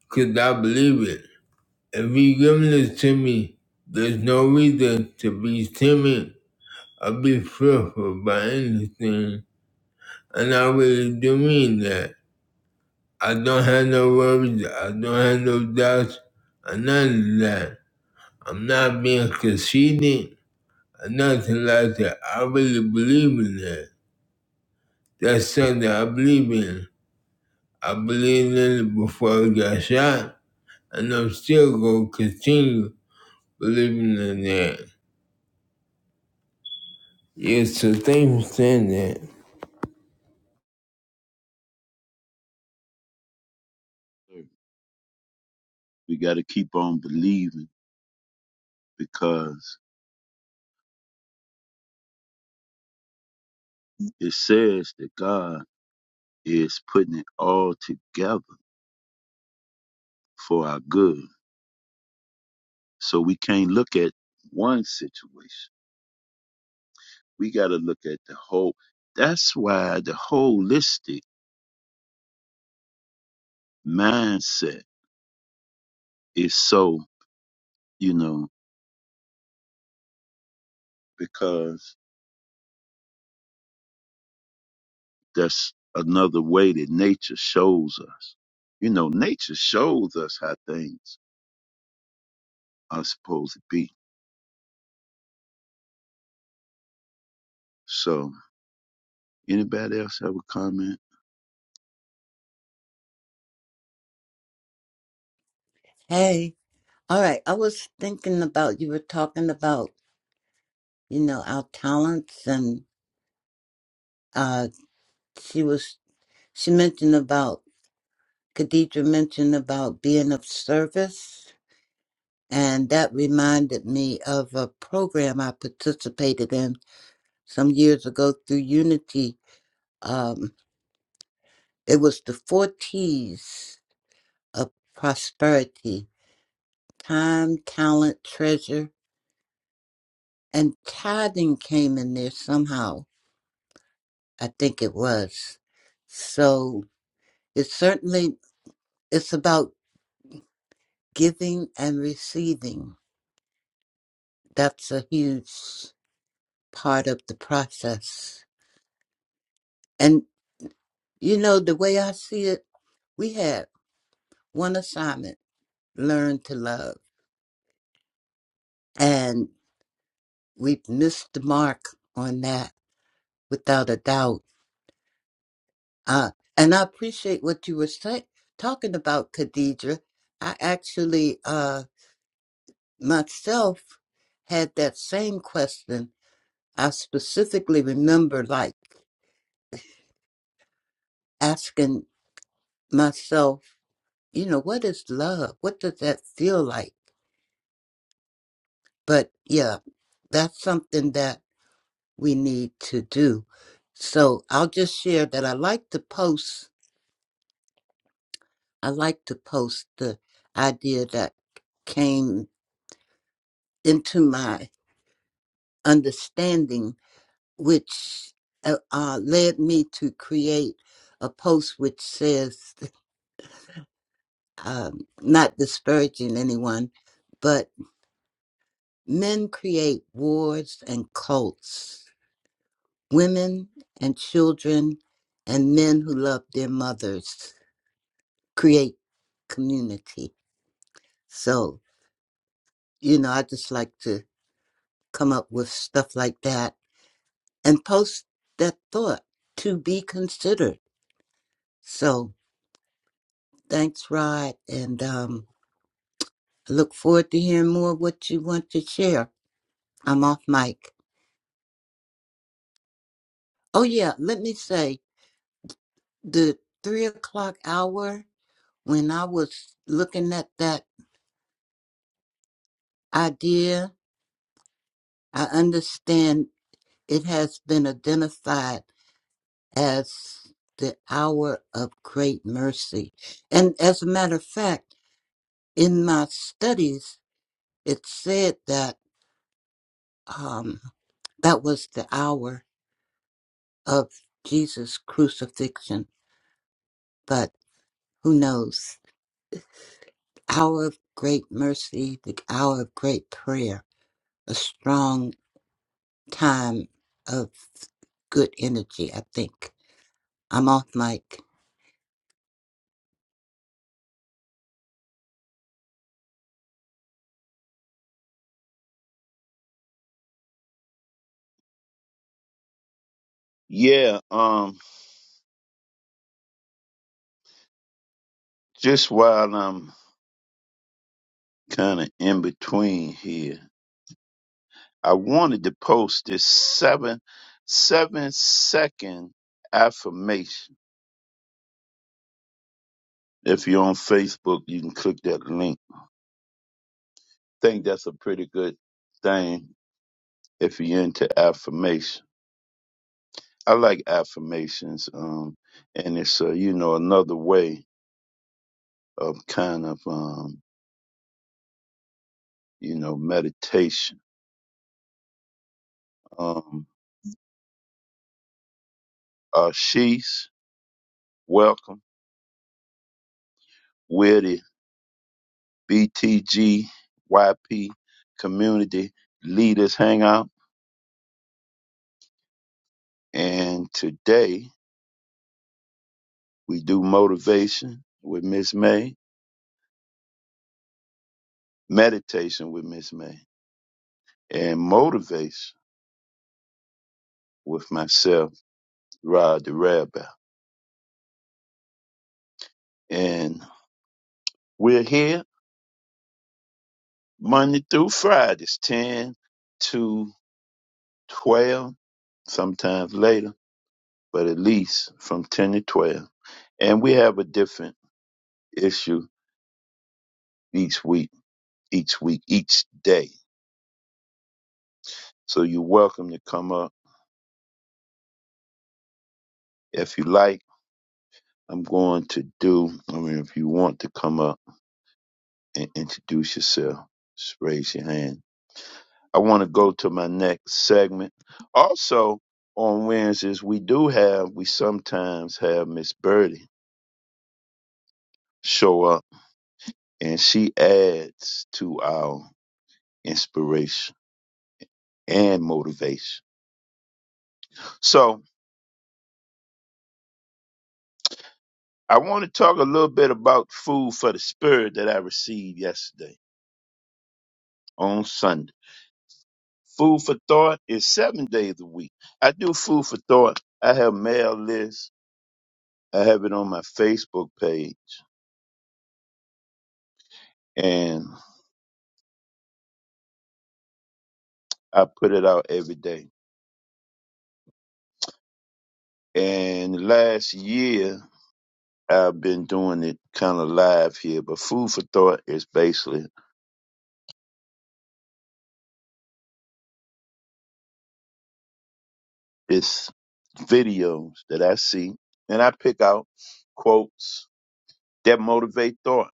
[SPEAKER 2] because I believe it. If you giving this to me, there's no reason to be timid I'll be fearful by anything, and I really do mean that. I don't have no worries, I don't have no doubts, and none of that. I'm not being conceited or nothing like that. I really believe in that. That's something I believe in. I believed in it before I got shot, and I'm still going to continue believing in that. Yes, so thank you for saying that.
[SPEAKER 3] We got to keep on believing because It says that God is putting it all together for our good. So we can't look at one situation. We got to look at the whole. That's why the holistic mindset is so, you know, because that's another way that nature shows us. You know, nature shows us how things are supposed to be. So, anybody else have a comment?
[SPEAKER 5] Hey, all right. I was thinking about you were talking about, you know, our talents, and uh, she was she mentioned about Khadija mentioned about being of service, and that reminded me of a program I participated in some years ago through Unity. Um, it was the four T's of prosperity time, talent, treasure, and tithing came in there somehow. I think it was. So it's certainly it's about giving and receiving. That's a huge part of the process. And you know the way I see it, we had one assignment: learn to love, and we've missed the mark on that without a doubt Uh, and I appreciate what you were say- talking about, Khadija. I actually uh, myself had that same question. I specifically remember like asking myself, you know, what is love? What does that feel like? But yeah, that's something that we need to do. So I'll just share that I like to post. I like to post the idea that came into my. understanding, which uh, uh, led me to create a post which says, um, not disparaging anyone, but men create wars and cults, women and children, and men who love their mothers create community. So, you know, I just like to come up with stuff like that and post that thought to be considered. So, Thanks, Rod. And um, I look forward to hearing more of what you want to share. I'm off mic. Oh, yeah. Let me say the three o'clock hour, when I was looking at that idea, I understand it has been identified as the hour of great mercy. And as a matter of fact, in my studies, it said that um, that was the hour of Jesus' crucifixion, but who knows? Hour of great mercy, the hour of great prayer, a strong time of good energy, I think. I'm off mic.
[SPEAKER 3] Yeah, um, just while I'm kind of in between here. I wanted to post this seven seven second affirmation. If you're on Facebook, you can click that link. think that's a pretty good thing if you're into affirmation. I like affirmations, um, and it's uh, you know another way of kind of um, you know meditation. Um, uh, she's welcome. We're the BTGYP Community Leaders Hangout. And today we do motivation with Miss May, meditation with Miss May, and motivation with myself, Rod the Rabbi. And we're here Monday through Fridays, 10 to 12, sometimes later, but at least from 10 to 12 and we have a different issue each week, each week, each day. So you're welcome to come up. If you like, I'm going to do, I mean, if you want to come up and introduce yourself, just raise your hand. I want to go to my next segment. Also, on Wednesdays, we do have, we sometimes have Miss Birdie show up and she adds to our inspiration and motivation. So I want to talk a little bit about food for the spirit that I received yesterday on Sunday. Food for thought is seven days a week. I do food for thought. I have mail lists. I have it on my Facebook page and I put it out every day. And last year I've been doing it kind of live here, but food for thought is basically it's videos that I see and I pick out quotes that motivate thought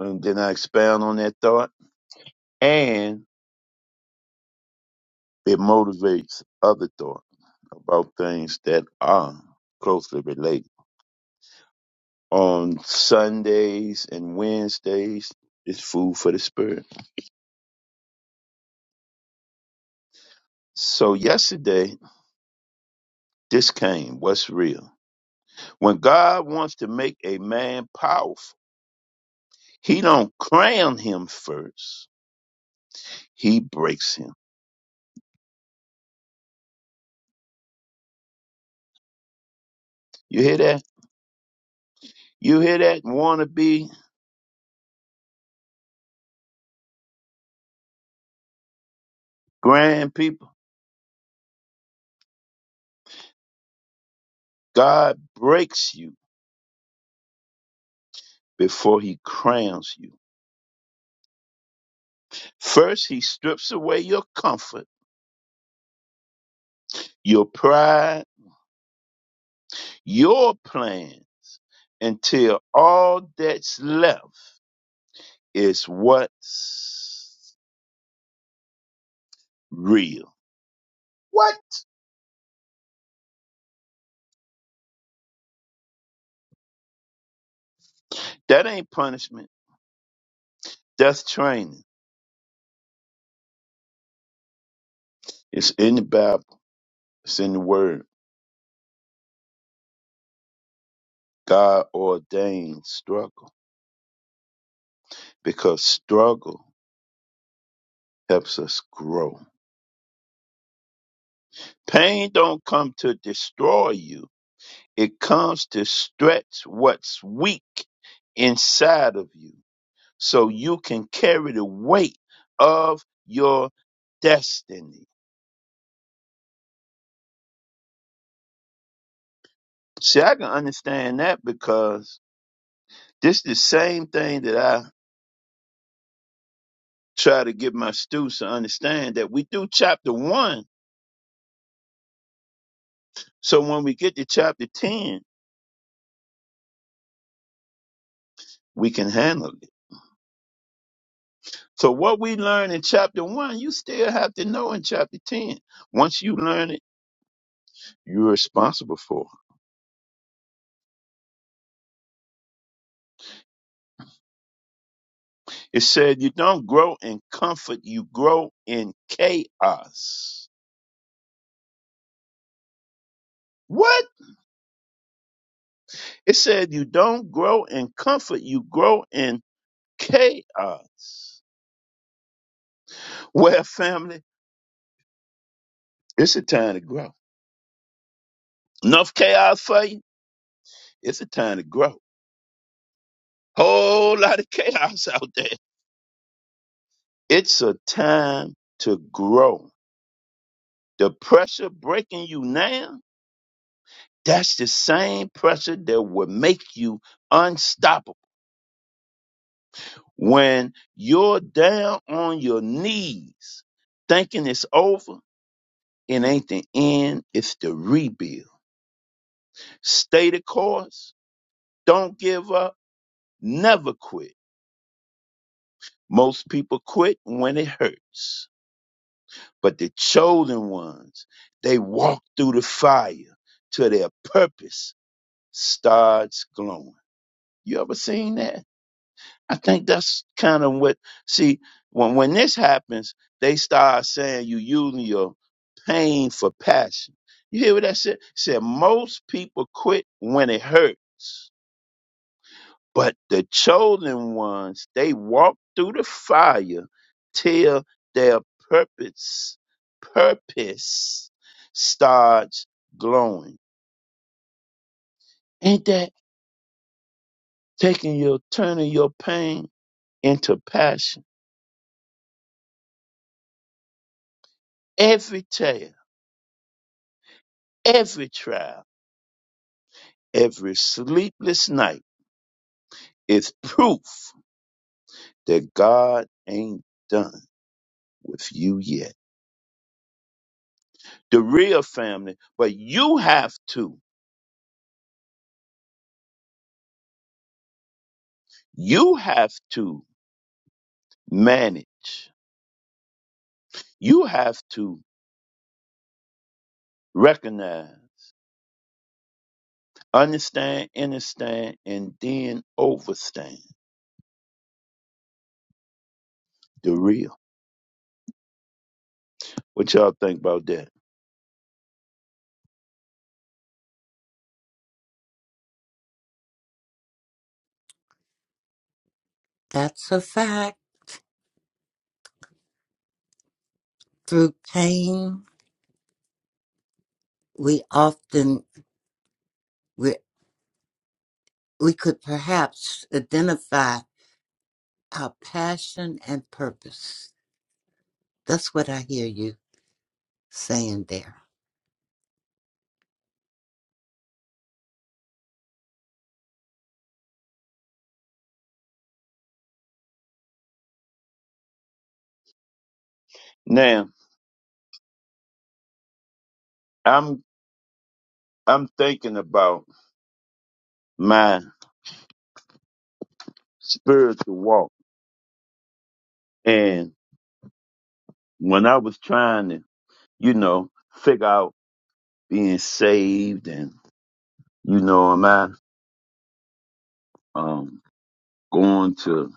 [SPEAKER 3] and then I expound on that thought and. It motivates other thought about things that are closely related. On Sundays and Wednesdays, it's food for the spirit. So yesterday, this came. What's real? When God wants to make a man powerful, He don't crown him first. He breaks him. You hear that? You hear that? Wannabe grand people. God breaks you before He crowns you. First, He strips away your comfort your pride, your plan until all that's left is what's real. What? That ain't punishment. That's training. It's in the Bible. It's in the Word. God ordained struggle because struggle helps us grow. Pain don't come to destroy you. It comes to stretch what's weak inside of you so you can carry the weight of your destiny. See, I can understand that because this is the same thing that I try to get my students to understand that we do chapter one. So when we get to chapter 10, we can handle it. So what we learn in chapter one, you still have to know in chapter 10. Once you learn it, you're responsible for it. It said you don't grow in comfort, you grow in chaos. What? It said, You don't grow in comfort, you grow in chaos. Well, family, it's a time to grow. Enough chaos for you? It's a time to grow. Whole lot of chaos out there. It's a time to grow. The pressure breaking you now, that's the same pressure that will make you unstoppable. When you're down on your knees, thinking it's over, it ain't the end, it's the rebuild Stay the course. Don't give up. Never quit. Most people quit when it hurts. But the chosen ones, they walk through the fire till their purpose starts glowing. You ever seen that? I think that's kind of what, see, when, when this happens, they start saying you using your pain for passion. You hear what I said? Said most people quit when it hurts But the chosen ones, they walk through the fire till their purpose, purpose starts glowing. Ain't that taking your turning your pain into passion? Every tale, every trial, every sleepless night is proof that God ain't done with you yet. The real family, but you have to, you have to manage You have to recognize, understand, understand, and then overstand the real. What y'all think about that?
[SPEAKER 5] That's a fact. Through pain, we often, we, we could perhaps identify our passion and purpose. That's what I hear you saying there.
[SPEAKER 3] Now, I'm I'm thinking about my spiritual walk, and when I was trying to, you know, figure out being saved, and you know, am I um going to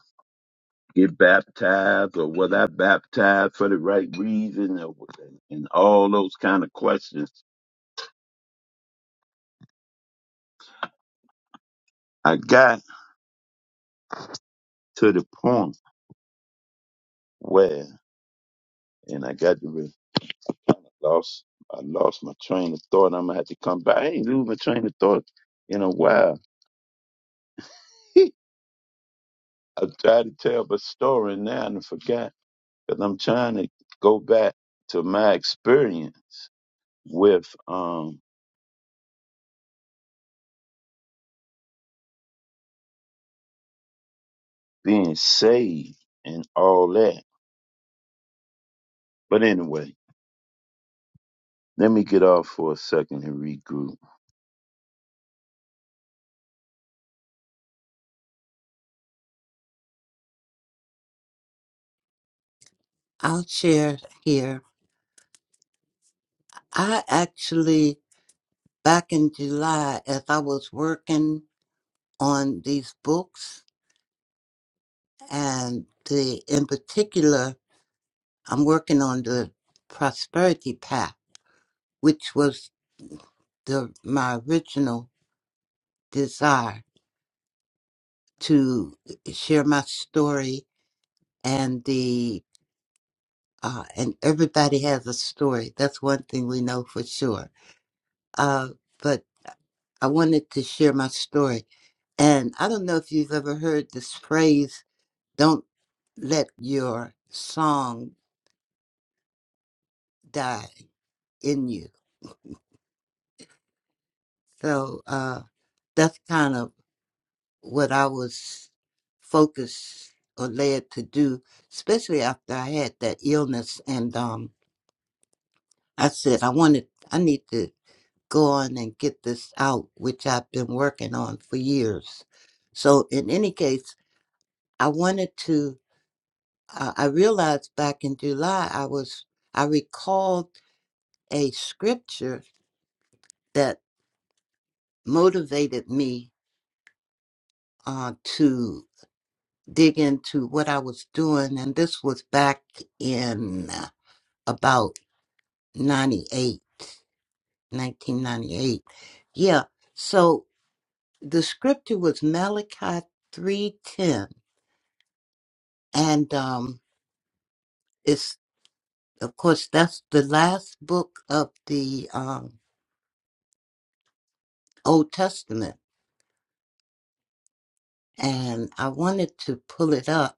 [SPEAKER 3] get baptized, or was I baptized for the right reason, or, and all those kind of questions. I got to the point where, and I got to re- lost, I lost my train of thought. I'm gonna have to come back. I ain't lose my train of thought in a while. I tried to tell the story now and I forgot because I'm trying to go back to my experience with um being saved and all that. But anyway, let me get off for a second and regroup.
[SPEAKER 5] I'll share here. I actually back in July as I was working on these books and the in particular I'm working on the prosperity path which was the my original desire to share my story and the uh, and everybody has a story that's one thing we know for sure uh, but I wanted to share my story and I don't know if you've ever heard this phrase Don't let your song die in you. So uh, that's kind of what I was focused or led to do, especially after I had that illness. And um, I said, I wanted, I need to go on and get this out, which I've been working on for years. So, in any case, I wanted to, uh, I I realized back in July, I was, I recalled a scripture motivated me uh, to dig into what I was doing. And this was back in uh, about 98, 1998. Yeah. So the scripture was Malachi 3.10. And um, it's, of course, that's the last book of the um, Old Testament. And I wanted to pull it up,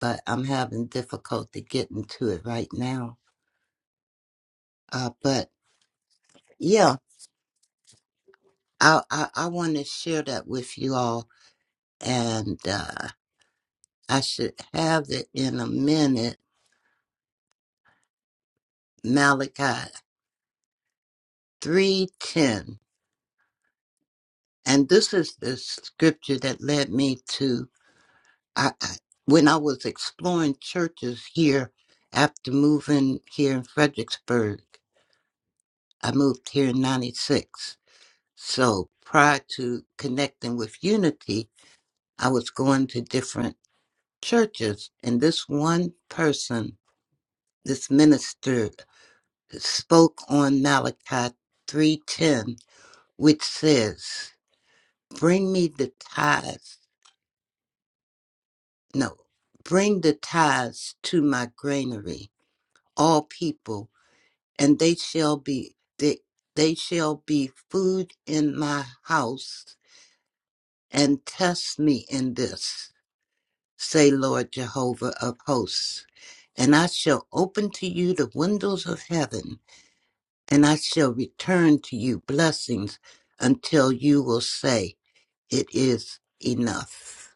[SPEAKER 5] but I'm having difficulty getting to it right now. Uh, but yeah. I I, I want to share that with you all, and uh, I should have it in a minute. Malachi three ten, and this is the scripture that led me to I, I when I was exploring churches here after moving here in Fredericksburg. I moved here in '96, so prior to connecting with Unity, I was going to different churches, and this one person this minister spoke on Malachi 3:10 which says bring me the tithes no bring the tithes to my granary all people and they shall be they, they shall be food in my house and test me in this say Lord Jehovah of hosts and I shall open to you the windows of heaven and I shall return to you blessings until you will say, It is enough.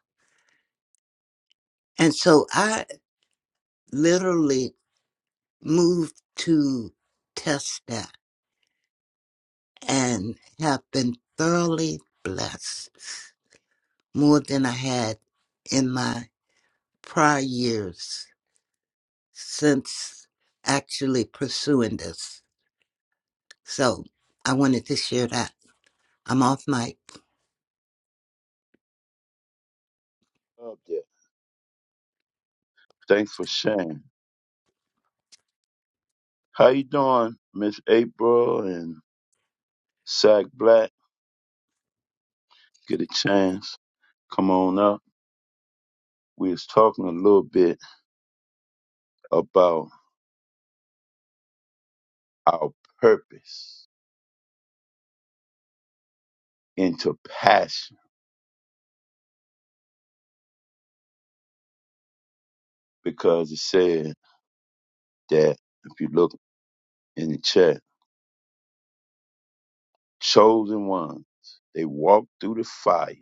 [SPEAKER 5] And so I literally moved to test that and have been thoroughly blessed more than I had in my prior years since actually pursuing this. So I wanted to share that. I'm off mic.
[SPEAKER 3] Up there. Thanks for sharing. How you doing, Miss April and Sack Black? get a chance, come on up. We was talking a little bit about our purpose into passion because it said that if you look in the chat, chosen ones, they walk through the fire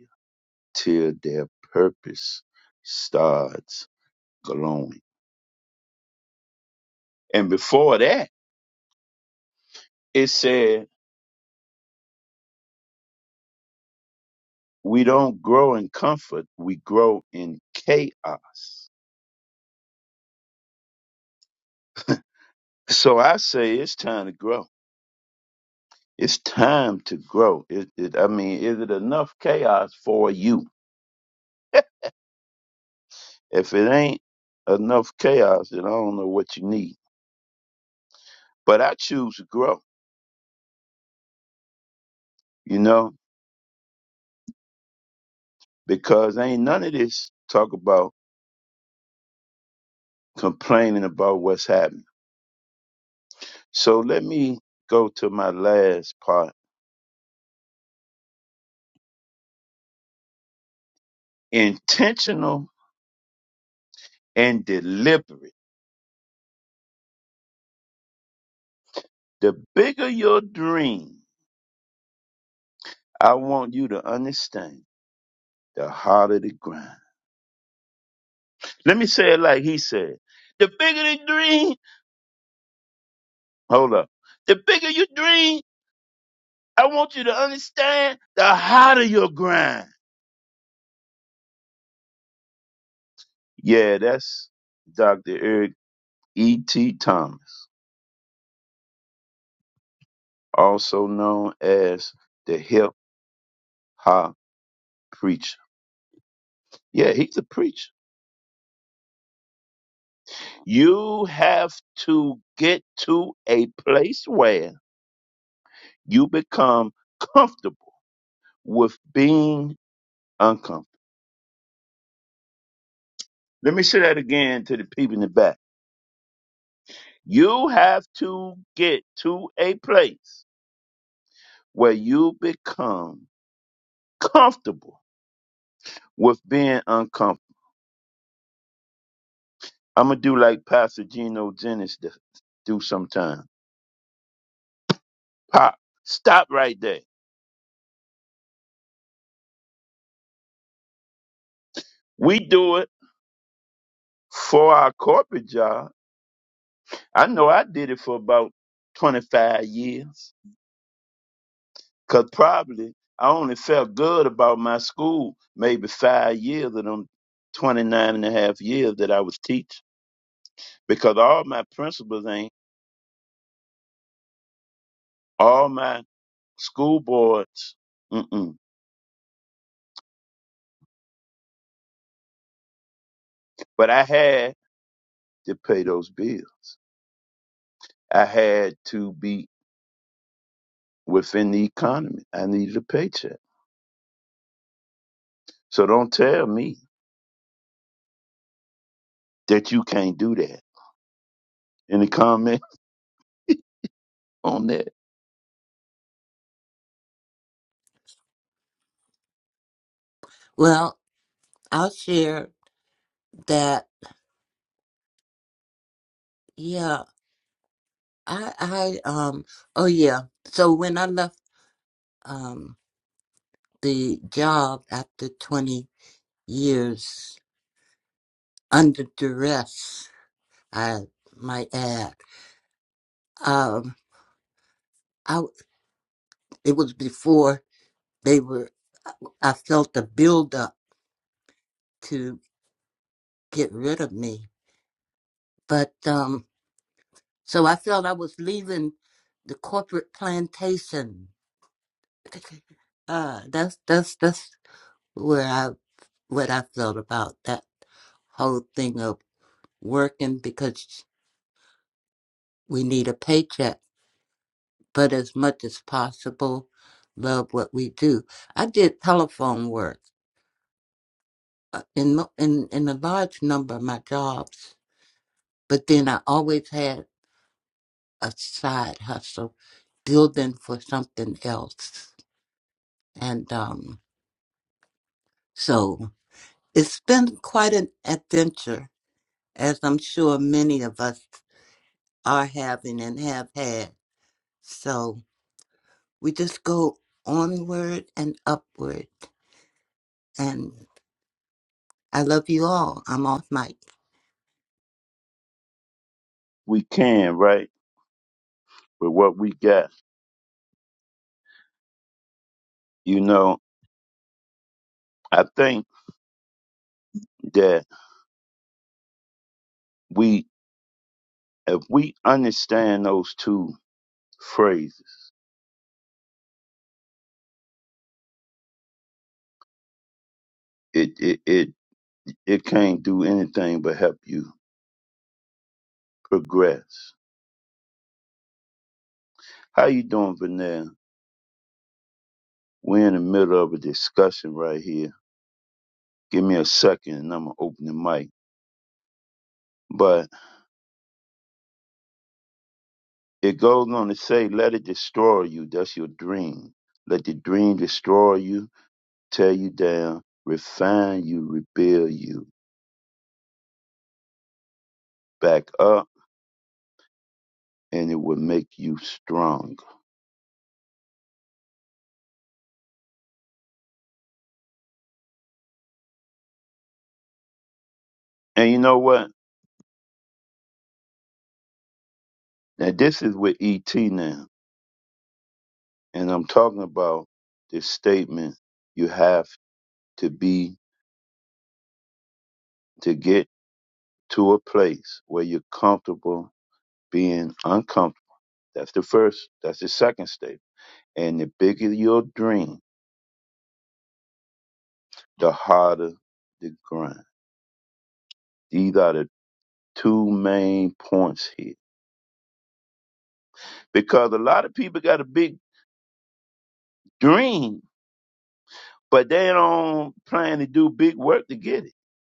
[SPEAKER 3] till their purpose starts glowing. And before that, it said we don't grow in comfort, we grow in chaos. So I say it's time to grow It's time to grow. It, it, I mean, is it enough chaos for you? If it ain't enough chaos, then I don't know what you need. But I choose to grow, you know, because ain't none of this talk about complaining about what's happening. So let me go to my last part intentional and deliberate. The bigger your dream, I want you to understand, the harder the grind. Let me say it like he said the bigger the dream Hold up. The bigger you dream, I want you to understand the harder your grind. Yeah, that's Dr. Eric E.T. Thomas, also known as the hip hop preacher. Yeah, he's a preacher. You have to get to a place where you become comfortable with being uncomfortable. Let me say that again to the people in the back. You have to get to a place where you become comfortable with being uncomfortable. I'm gonna do like Pastor Geno Jennings d- do sometime. Pop, stop right there. We do it for our corporate job. I know I did it for about 25 years, cause probably I only felt good about my school maybe five years of them 29 and a half years that I was teaching, because all my principals ain't, all my school boards. Mm-mm. But I had to pay those bills. I had to be within the economy. I needed a paycheck. So don't tell me that you can't do that. Any comment on that?
[SPEAKER 5] Well, I'll share that, yeah, I I um oh yeah. So when I left um the job after twenty years under duress, I might add, um, I it was before they were. I felt a buildup to get rid of me, but um, so I felt I was leaving the corporate plantation. Uh, that's that's that's where I what I felt about that whole thing of working because we need a paycheck, but as much as possible, love what we do. I did telephone work uh, in mo- in in a large number of my jobs, but then I always had a side hustle, building for something else, and um, so it's been quite an adventure, as I'm sure many of us are having and have had. So we just go onward and upward. And I love you all. I'm off mic.
[SPEAKER 3] We can, right? With what we got. You know, I think that we if we understand those two phrases, it it it, it can't do anything but help you progress. How you doing, Vanessa? We're in the middle of a discussion right here Give me a second and I'm going to open the mic. But it goes on to say, let it destroy you. That's your dream. Let the dream destroy you, tear you down, refine you, rebuild you back up, and it will make you strong. And you know what? Now, this is with ET now. And I'm talking about this statement you have to be to get to a place where you're comfortable being uncomfortable. That's the first, that's the second statement And the bigger your dream, the harder the grind. These are the two main points here. Because a lot of people got a big dream, but they don't plan to do big work to get it.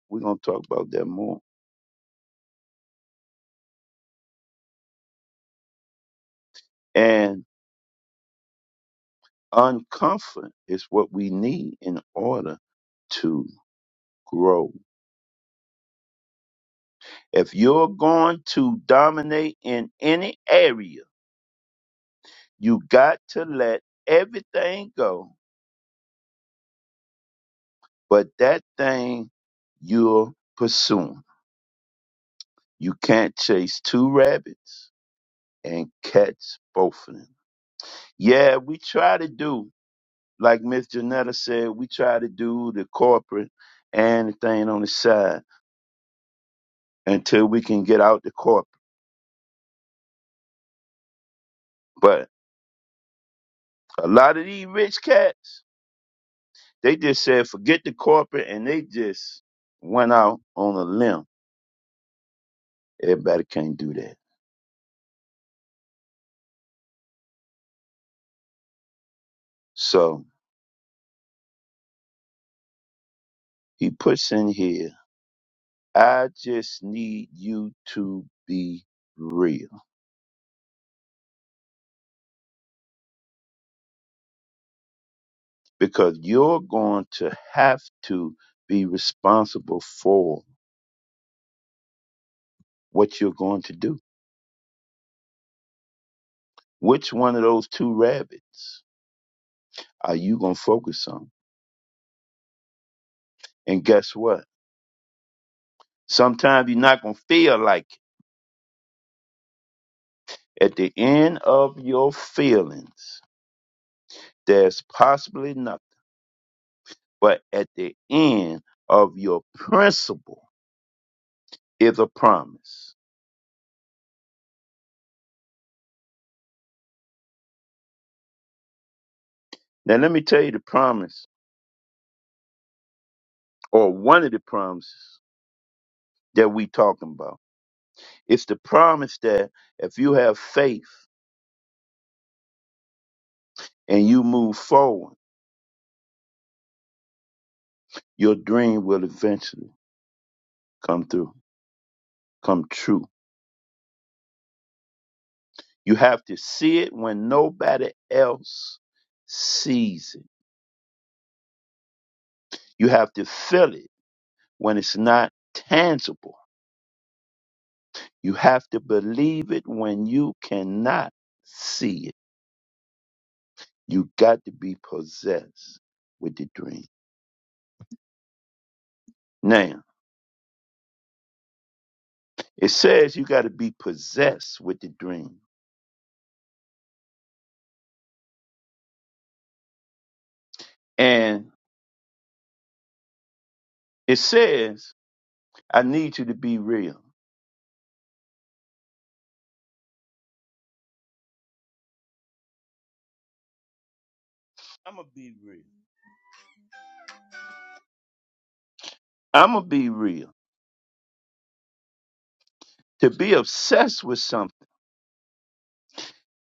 [SPEAKER 3] We're going to talk about that more. And uncomfort is what we need in order to grow. If you're going to dominate in any area, you got to let everything go But that thing you're pursuing, you can't chase two rabbits and catch both of them. Yeah, we try to do, like Miss Janetta said, we try to do the corporate and the thing on the side until we can get out the corporate. But a lot of these rich cats, they just said forget the corporate and they just went out on a limb. Everybody can't do that. So he puts in here I just need you to be real because you're going to have to be responsible for what you're going to do. Which one of those two rabbits are you going to focus on? And guess what? Sometimes you're not going to feel like it. At the end of your feelings, there's possibly nothing. But at the end of your principle is a promise. Now, let me tell you the promise or one of the promises that we talking about. It's the promise that if you have faith and you move forward, your dream will eventually come through, come true. You have to see it when nobody else sees it. You have to feel it when it's not tangible. You have to believe it when you cannot see it. You got to be possessed with the dream. Now, It says you got to be possessed with the dream. And it says, I need you to be real. I'm going to be real. I'm going to be real. To be obsessed with something,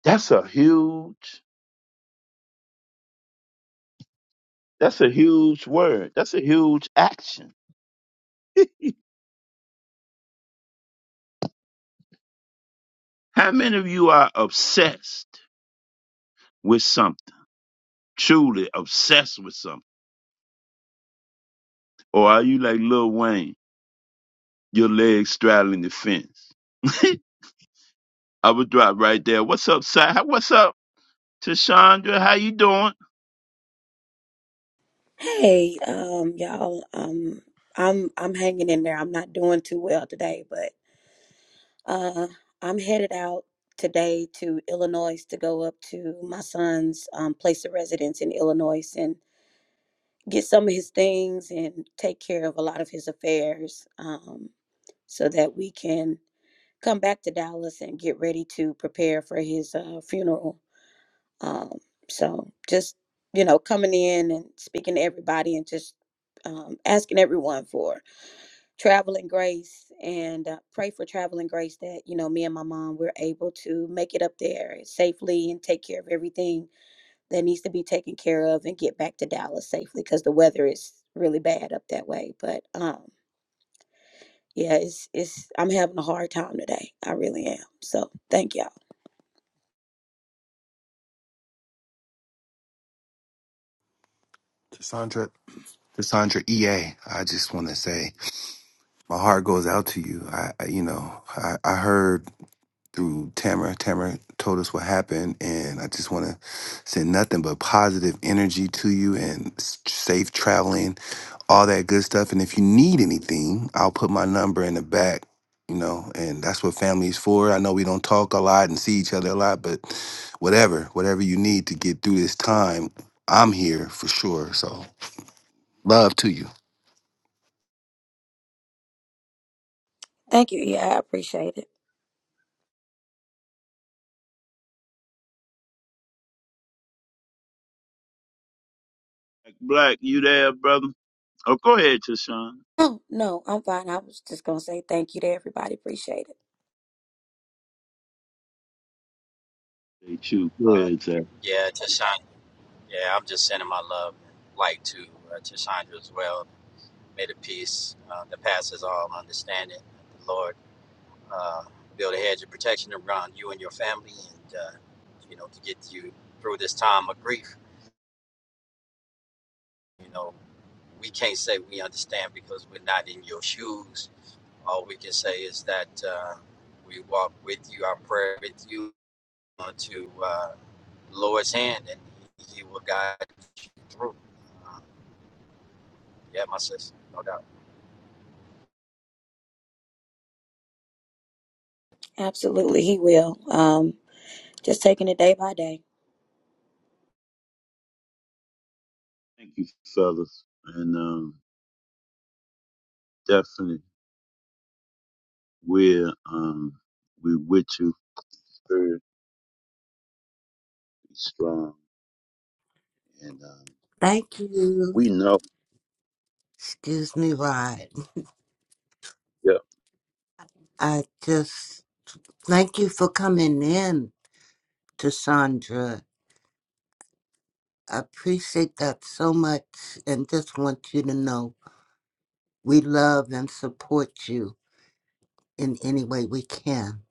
[SPEAKER 3] that's a huge, that's a huge word. That's a huge action. How many of you are obsessed with something? Truly obsessed with something? Or are you like Lil Wayne, your legs straddling the fence? I would drop right there. What's up, Si? What's up, Tashandra? How you doing?
[SPEAKER 7] Hey, um, y'all, um, I'm I'm hanging in there. I'm not doing too well today, but uh, I'm headed out today to Illinois to go up to my son's um, place of residence in Illinois and get some of his things and take care of a lot of his affairs, um, so that we can come back to Dallas and get ready to prepare for his uh, funeral. Um, so just, you know, coming in and speaking to everybody and just um, asking everyone for traveling grace and uh, pray for traveling grace that, you know, me and my mom were able to make it up there safely and take care of everything that needs to be taken care of and get back to Dallas safely because the weather is really bad up that way. But um, yeah, it's, it's, I'm having a hard time today. I really am. So thank y'all.
[SPEAKER 1] Cassandra, Cassandra E. A. I just want to say my heart goes out to you. I, I you know, I, I heard through Tamara, Tamara told us what happened, and I just want to send nothing but positive energy to you and s- safe traveling all that good stuff. And if you need anything, I'll put my number in the back, you know, and that's what family is for. I know we don't talk a lot and see each other a lot, but whatever, whatever you need to get through this time, I'm here for sure. So love to you.
[SPEAKER 7] Thank you. Yeah, I appreciate it.
[SPEAKER 3] Black, you there, brother? Oh, go ahead, Tashawn.
[SPEAKER 7] Oh, no, I'm fine. I was just going to say thank you to everybody. Appreciate it.
[SPEAKER 3] Hey, you. Go
[SPEAKER 8] Uh,
[SPEAKER 3] ahead, Zach.
[SPEAKER 8] yeah, Tashandra. Yeah, I'm just sending my love and light to uh, Tashandra as well. May the peace uh, that passes all understanding, the Lord, uh, build a hedge of protection around you and your family, and uh, you know to get you through this time of grief. You know, we can't say we understand because we're not in your shoes. All we can say is that uh, we walk with you, our prayer with you, onto uh, the Lord's hand, and He will guide you through. Yeah, my sister, no doubt.
[SPEAKER 7] Absolutely, he will. Um, just taking it day by day.
[SPEAKER 3] Thank you, fellas. And um, definitely, we're um, we with you, very strong, and um,
[SPEAKER 5] Thank you.
[SPEAKER 3] we know.
[SPEAKER 5] Excuse me, Rod.
[SPEAKER 3] Yeah,
[SPEAKER 5] I just thank you for coming in to Sandra. I appreciate that so much and just want you to know we love and support you in any way we can.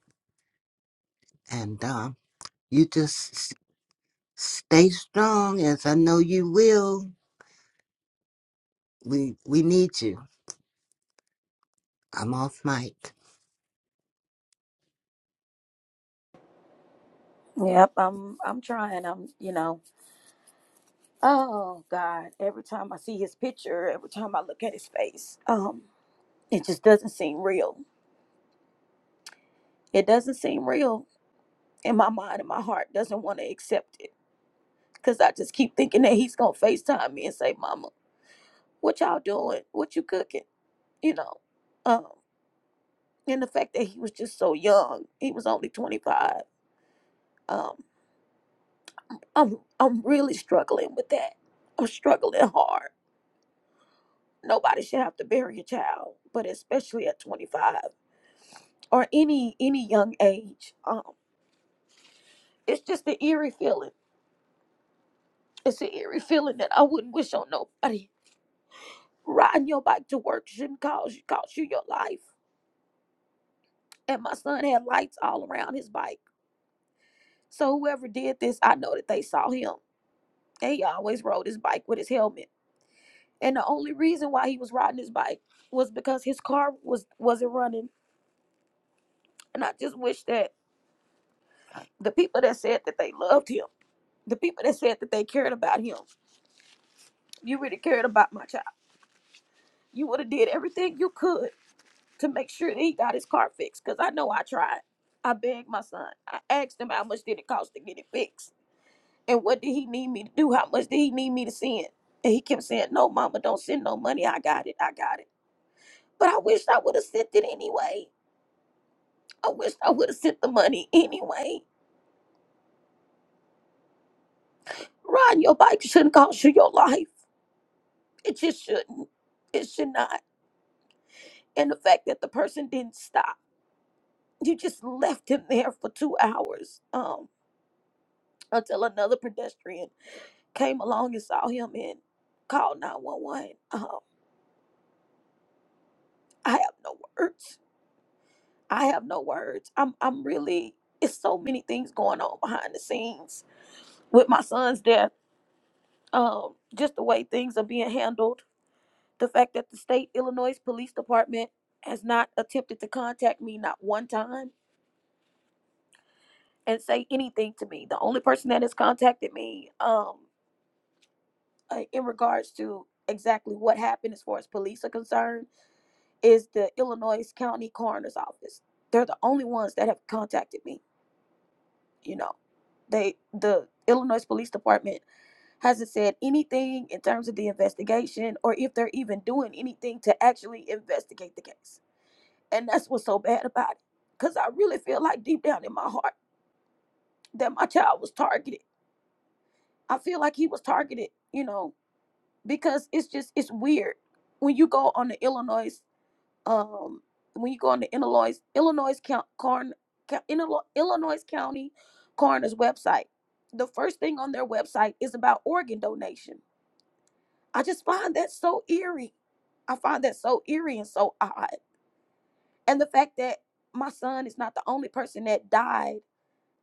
[SPEAKER 5] And um, you just s- stay strong, as I know you will. We we need you. I'm off mic.
[SPEAKER 7] Yep, I'm I'm trying. I'm, you know. Oh god, every time I see his picture, every time I look at his face, um it just doesn't seem real. It doesn't seem real and my mind and my heart doesn't want to accept it cuz I just keep thinking that he's going to FaceTime me and say, "Mama, what y'all doing? What you cooking?" You know. um. and the fact that he was just so young he was only 25 um i'm i'm really struggling with that i'm struggling hard nobody should have to bury a child but especially at 25 or any any young age um it's just an eerie feeling it's an eerie feeling that i wouldn't wish on nobody riding your bike to work shouldn't cause you cost you your life and my son had lights all around his bike so whoever did this i know that they saw him and he always rode his bike with his helmet And the only reason why he was riding his bike was because his car was wasn't running. And I just wish that the people that said that they loved him, the people that said that they cared about him, you really cared about my child. You would have did everything you could to make sure that he got his car fixed. Cause I know I tried. I begged my son. I asked him how much did it cost to get it fixed, and what did he need me to do? How much did he need me to send? And he kept saying, "No, mama, don't send no money. I got it. I got it." But I wished I would have sent it anyway. I wish I would have sent the money anyway. Riding your bike shouldn't cost you your life. It just shouldn't. It should not. And the fact that the person didn't stop, you just left him there for two hours um, until another pedestrian came along and saw him and called 911. Um, I have no words. I have no words. I'm, I'm really, it's so many things going on behind the scenes with my son's death. Um, just the way things are being handled The fact that the state Illinois Police Department has not attempted to contact me not one time and say anything to me. The only person that has contacted me um uh, in regards to exactly what happened as far as police are concerned is the Illinois County Coroner's Office. They're the only ones that have contacted me, you know. They the Illinois Police Department hasn't said anything in terms of the investigation or if they're even doing anything to actually investigate the case And that's what's so bad about it. Because I really feel like deep down in my heart that my child was targeted. I feel like he was targeted, you know, because it's just, it's weird. When you go on the Illinois, um, when you go on the Illinois, Illinois, count, corn, Illinois, Illinois County Coroner's website, the first thing on their website is about organ donation. I just find that so eerie. I find that so eerie and so odd. And the fact that my son is not the only person that died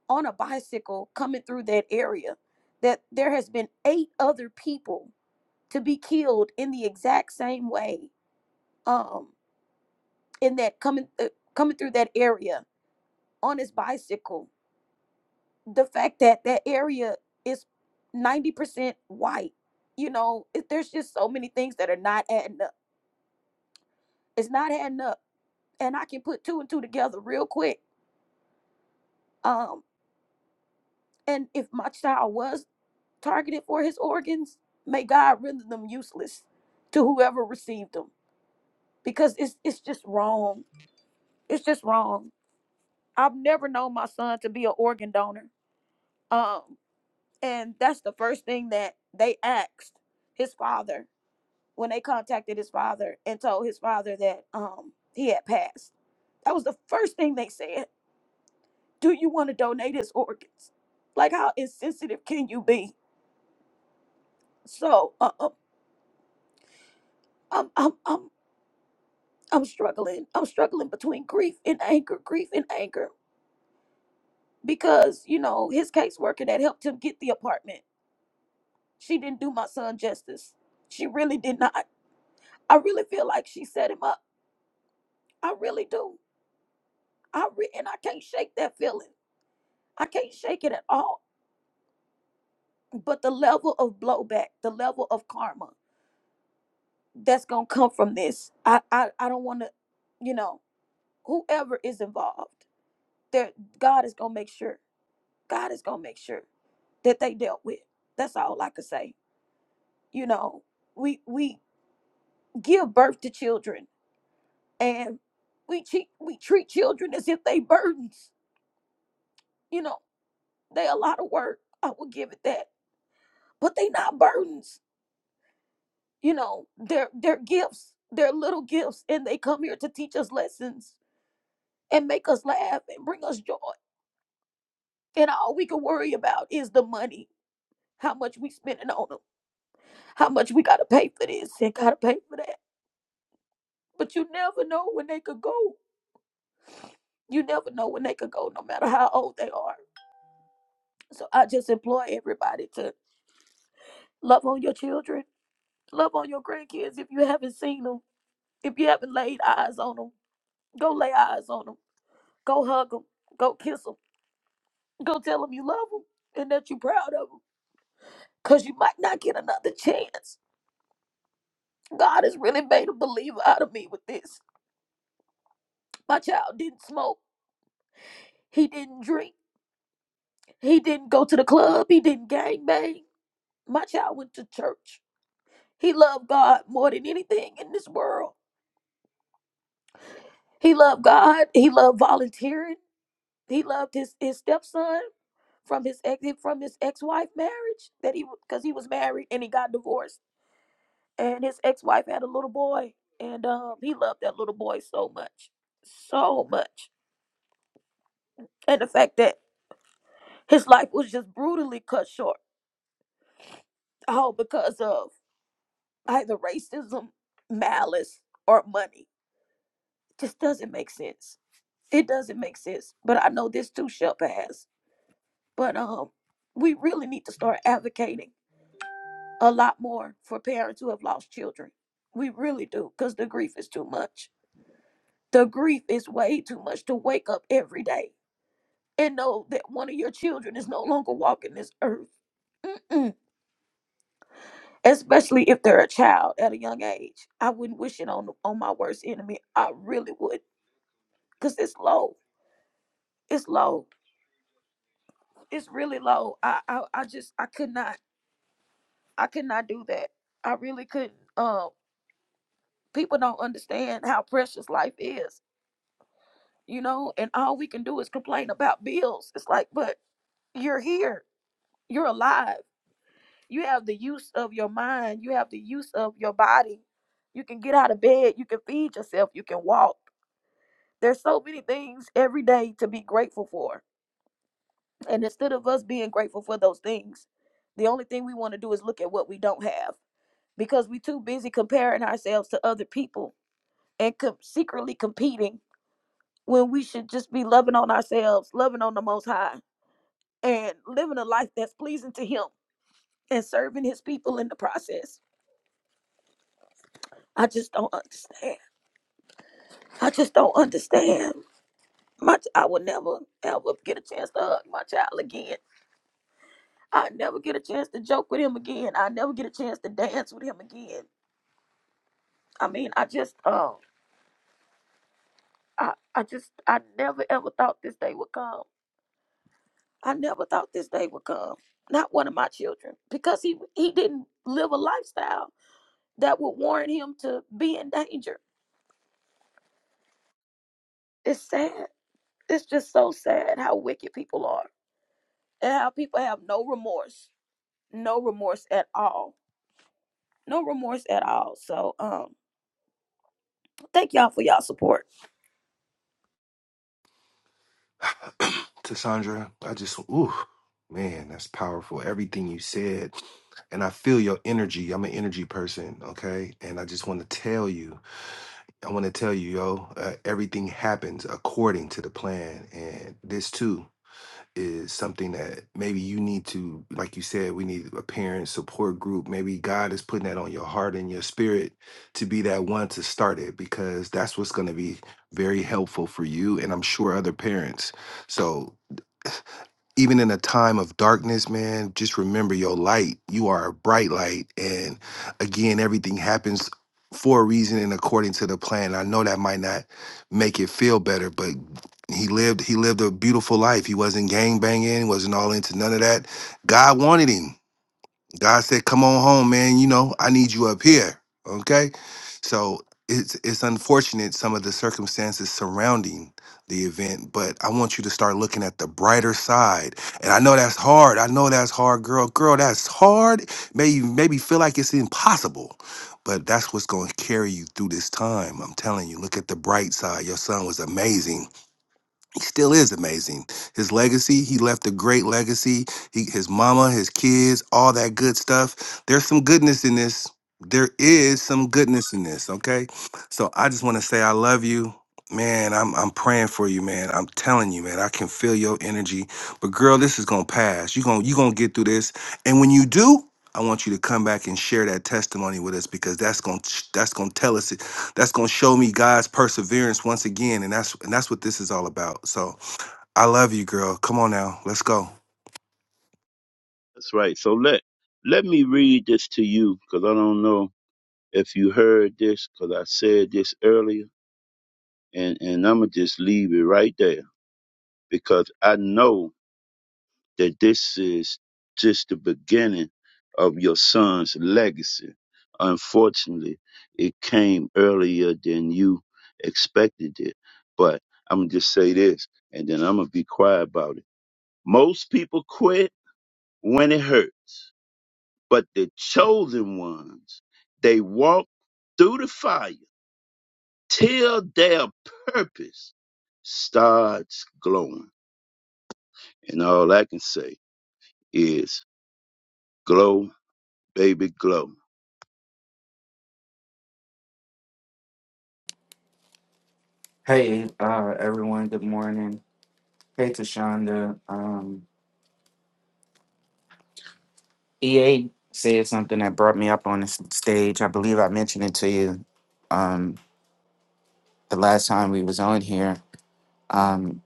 [SPEAKER 7] on a bicycle coming through that area that there has been eight other people to be killed in the exact same way um in that coming uh, coming through that area on his bicycle the fact that that area is 90% white you know it, there's just so many things that are not adding up it's not adding up and i can put two and two together real quick um and if my child was targeted for his organs, may God render them useless to whoever received them because it's it's just wrong. It's just wrong. I've never known my son to be an organ donor. Um, and that's the first thing that they asked his father when they contacted his father and told his father that um he had passed. That was the first thing they said. Do you want to donate his organs? Like how insensitive can you be? So uh, uh, I'm, I'm, I'm I'm struggling. I'm struggling between grief and anger, grief and anger, because you know his caseworker that helped him get the apartment, she didn't do my son justice. She really did not. I really feel like she set him up. I really do. I re- and I can't shake that feeling. I can't shake it at all. But the level of blowback, the level of karma that's gonna come from this, I I, I don't want to, you know, whoever is involved, there God is gonna make sure. God is gonna make sure that they dealt with. That's all I could say. You know, we we give birth to children and we cheat, we treat children as if they burdens. You know, they a lot of work. I will give it that, but they not burdens. You know, they're they're gifts. They're little gifts, and they come here to teach us lessons and make us laugh and bring us joy. And all we can worry about is the money, how much we spending on them, how much we gotta pay for this and gotta pay for that But you never know when they could go. You never know when they could go, no matter how old they are. So I just implore everybody to love on your children, love on your grandkids if you haven't seen them, if you haven't laid eyes on them, go lay eyes on them, go hug them, go kiss them, go tell them you love them and that you're proud of them. Cause you might not get another chance. God has really made a believer out of me with this. My child didn't smoke. He didn't drink. He didn't go to the club. He didn't gang bang. My child went to church He loved God more than anything in this world. He loved God. He loved volunteering. He loved his, his stepson from his ex from his ex-wife marriage that he because he was married and he got divorced. And his ex-wife had a little boy. And um he loved that little boy so much. So much. And the fact that his life was just brutally cut short. All because of either racism, malice, or money Just doesn't make sense. It doesn't make sense. But I know this too shall pass. But um, we really need to start advocating a lot more for parents who have lost children. We really do, because the grief is too much. The grief is way too much to wake up every day and know that one of your children is no longer walking this earth. Mm-mm. Especially if they're a child at a young age. I wouldn't wish it on on my worst enemy. I really would, cause it's low. It's low it's really low. I, I I just I could not I could not do that. I really couldn't. Um, people don't understand how precious life is, you know. And all we can do is complain about bills. It's like, but you're here, you're alive. You have the use of your mind. You have the use of your body. You can get out of bed. You can feed yourself. You can walk. There's so many things every day to be grateful for. And instead of us being grateful for those things, the only thing we want to do is look at what we don't have because we too busy comparing ourselves to other people and com- secretly competing when we should just be loving on ourselves, loving on the Most High, and living a life that's pleasing to Him and serving His people in the process. I just don't understand. I just don't understand. My, ch- I will never ever get a chance to hug my child again. I never get a chance to joke with him again. I never get a chance to dance with him again. I mean, I just, um, I, I just, I never ever thought this day would come I never thought this day would come. Not one of my children, because he he didn't live a lifestyle that would warrant him to be in danger. It's sad. It's just so sad how wicked people are and how people have no remorse, no remorse at all, no remorse at all. So, um, thank y'all for y'all support.
[SPEAKER 1] To Sandra, I just, ooh, man, that's powerful. Everything you said. And I feel your energy. I'm an energy person, okay? And I just want to tell you, I want to tell you, yo, uh, everything happens according to the plan. And this too, is something that maybe you need to, like you said, we need a parent support group. Maybe God is putting that on your heart and your spirit to be that one to start it because that's what's going to be very helpful for you and I'm sure other parents. So even in a time of darkness, man, just remember your light. You are a bright light. And again, everything happens for a reason and according to the plan. I know that might not make it feel better, but he lived he lived a beautiful life. He wasn't gang banging, wasn't all into none of that. God wanted him. God said, "Come on home, man. You know I need you up here." Okay, so it's it's unfortunate some of the circumstances surrounding the event, but I want you to start looking at the brighter side. And I know that's hard. I know that's hard, girl. Girl, that's hard. Maybe maybe feel like it's impossible, but that's what's going to carry you through this time. I'm telling you. Look at the bright side. Your son was amazing he still is amazing. His legacy, he left a great legacy. He, his mama, his kids, all that good stuff. There's some goodness in this. There is some goodness in this, okay? So I just want to say I love you. Man, I'm I'm praying for you, man. I'm telling you, man. I can feel your energy. But girl, this is going to pass. You're going you going to get through this. And when you do, I want you to come back and share that testimony with us because that's going to that's going to tell us that's gonna show me God's perseverance once again, and that's and that's what this is all about. So I love you, girl. Come on now, let's go.
[SPEAKER 3] that's right. So let let me read this to you because I don't know if you heard this because I said this earlier, and and I'm gonna just leave it right there because I know. that this is just the beginning of your son's legacy. Unfortunately, it came earlier than you expected it. But I'm going to just say this, and then I'm going to be quiet about it. Most people quit when it hurts, but the chosen ones, they walk through the fire till their purpose starts glowing. And all I can say is glow, baby, glow.
[SPEAKER 9] Hey, uh, everyone. Good morning. Hey, Tashonda. Um, EA said something that brought me up on the s- stage. I believe I mentioned it to you um, the last time we was on here. Um,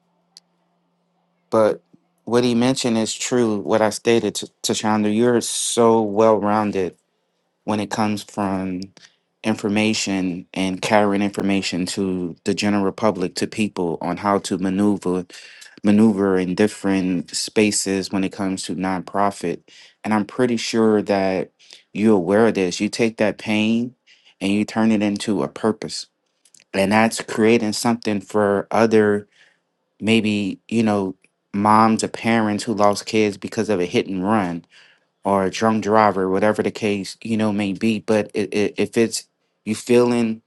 [SPEAKER 9] but what he mentioned is true. What I stated, T- Tashonda, you're so well rounded when it comes from information and carrying information to the general public to people on how to maneuver maneuver in different spaces when it comes to nonprofit and i'm pretty sure that you're aware of this you take that pain and you turn it into a purpose and that's creating something for other maybe you know moms or parents who lost kids because of a hit and run or a drunk driver, whatever the case you know may be. But it, it, if it's you feeling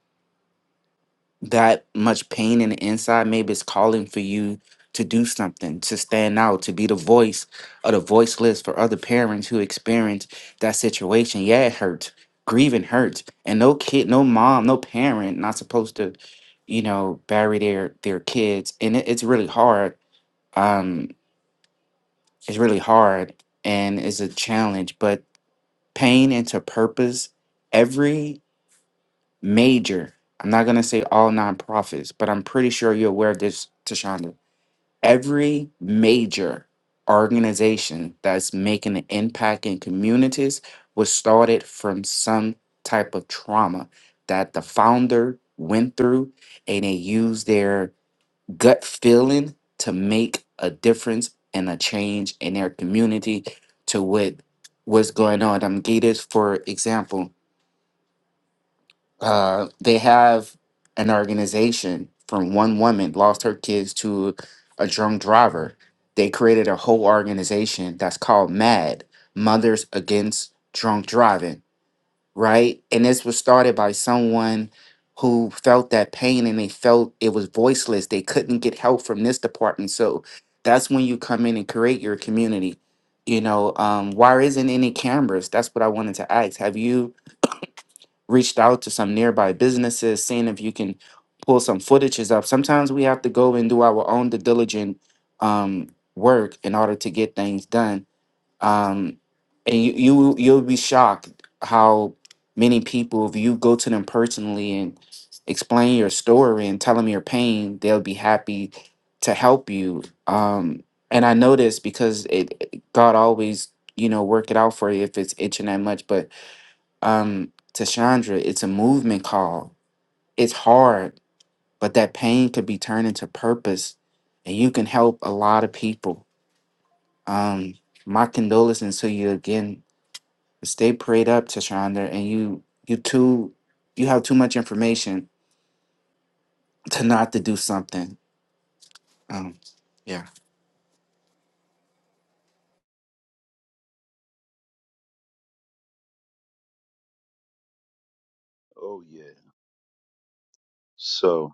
[SPEAKER 9] that much pain in the inside, maybe it's calling for you to do something, to stand out, to be the voice of the voiceless for other parents who experience that situation. Yeah, it hurts. Grieving hurts, and no kid, no mom, no parent not supposed to, you know, bury their their kids, and it, it's really hard. Um, it's really hard, and it's a challenge, but pain into purpose. Every major, I'm not going to say all nonprofits, but I'm pretty sure you're aware of this, Tashonda. Every major organization that's making an impact in communities was started from some type of trauma that the founder went through and they used their gut feeling to make a difference and a change in their community to what was going on. I'm gonna give this for example Uh, they have an organization from one woman lost her kids to a drunk driver. They created a whole organization that's called MAD, Mothers Against Drunk Driving, right? And this was started by someone who felt that pain and they felt it was voiceless. They couldn't get help from this department. So that's when you come in and create your community. You know, um, why isn't any cameras? That's what I wanted to ask. Have you reached out to some nearby businesses, seeing if you can pull some footages up. Sometimes we have to go and do our own the diligent um, work in order to get things done. Um, and you, you you'll be shocked how many people, if you go to them personally and explain your story and tell them your pain, they'll be happy to help you. Um, and I know this because it it- God always you know work it out for you if it's itching that much, but um to Chandra, it's a movement call. It's hard, but that pain could be turned into purpose and you can help a lot of people. Um my condolences to you again. Stay prayed up to and you you too you have too much information to not to do something. Um yeah.
[SPEAKER 3] Oh yeah. So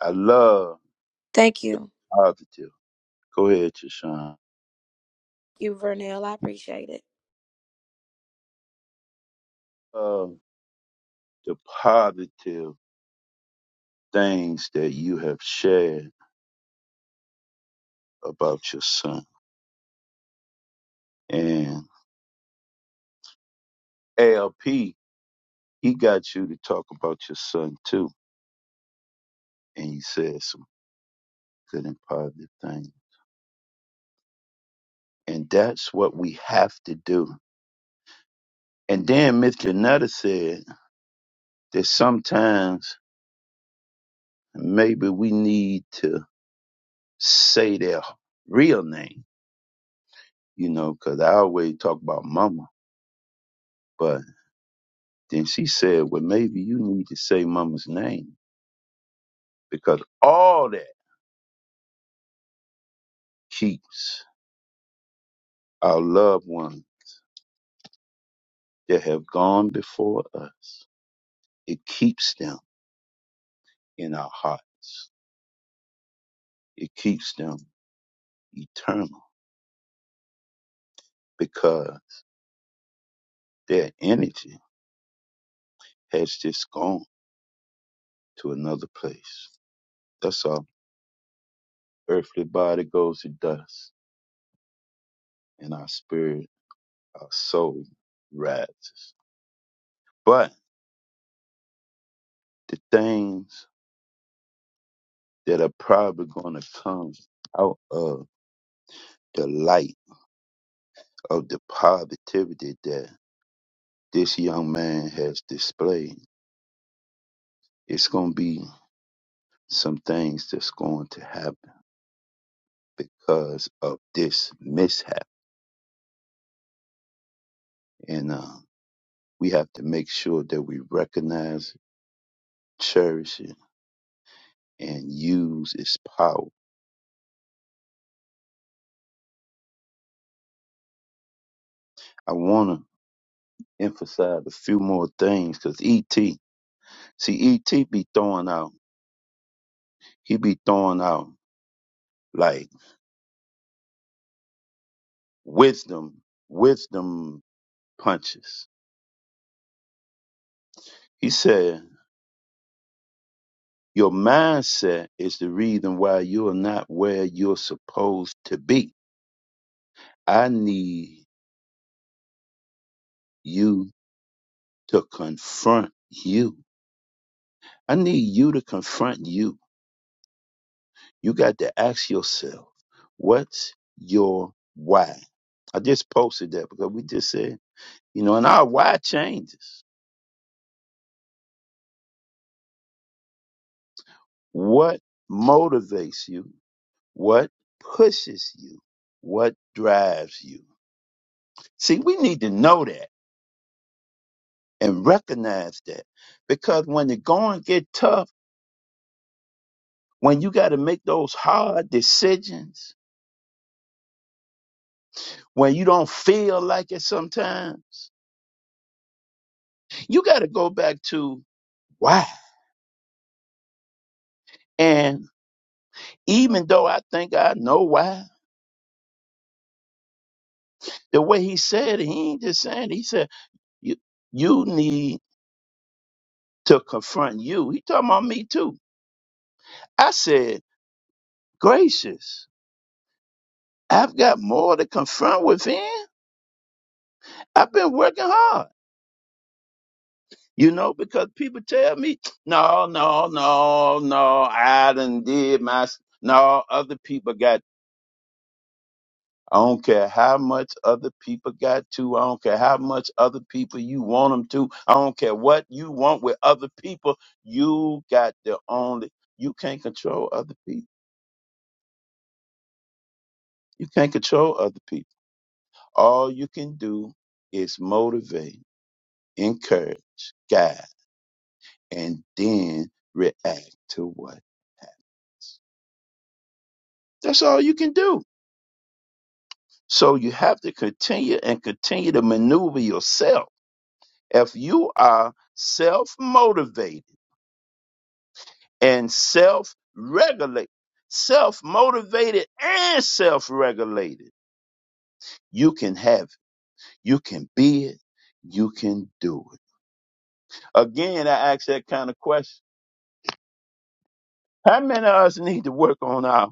[SPEAKER 3] I love
[SPEAKER 7] Thank
[SPEAKER 3] the
[SPEAKER 7] you.
[SPEAKER 3] positive. Go ahead, Chashawn.
[SPEAKER 7] You, Vernell. I appreciate it.
[SPEAKER 3] Love the positive things that you have shared about your son. And ALP, he got you to talk about your son too. And you said some good and positive things. And that's what we have to do. And then Miss Janetta said that sometimes maybe we need to say their real name you know, 'cause I always talk about mama. But then she said, well, maybe you need to say mama's name because all that keeps our loved ones that have gone before us. It keeps them in our hearts. It keeps them eternal because their energy has just gone to another place. That's our earthly body goes to dust and our spirit, our soul rises. But the things that are probably going to come out of the light of the positivity that this young man has displayed. It's going to be some things that's going to happen because of this mishap. And uh, we have to make sure that we recognize, cherish it, and use its power. I want to emphasize a few more things because ET, see, ET be throwing out, he be throwing out. like. Wisdom, wisdom punches. He said, Your mindset is the reason why you're not where you're supposed to be. I need you to confront you. I need you to confront you. You got to ask yourself, What's your why? I just posted that because we just said, you know, and our why changes. What motivates you? What pushes you? What drives you? See, we need to know that and recognize that because when the going get tough, when you got to make those hard decisions, when you don't feel like it sometimes, you got to go back to why. And even though I think I know why, the way he said it, he ain't just saying it. He said, you, you need to confront you. He talking about me too. I said, gracious. I've got more to confront within. I've been working hard, you know, because people tell me, no, no, no, no, I done did my, s- no, other people got, I don't care how much other people got to. I don't care how much other people you want them to. I don't care what you want with other people. You got the only, you can't control other people. You can't control other people. All you can do is motivate, encourage, guide and then react to what happens. That's all you can do. So you have to continue and continue to maneuver yourself. If you are self motivated and self regulated, self motivated and self regulated, you can have it. You can be it. You can do it. Again, I ask that kind of question. How many of us need to work on our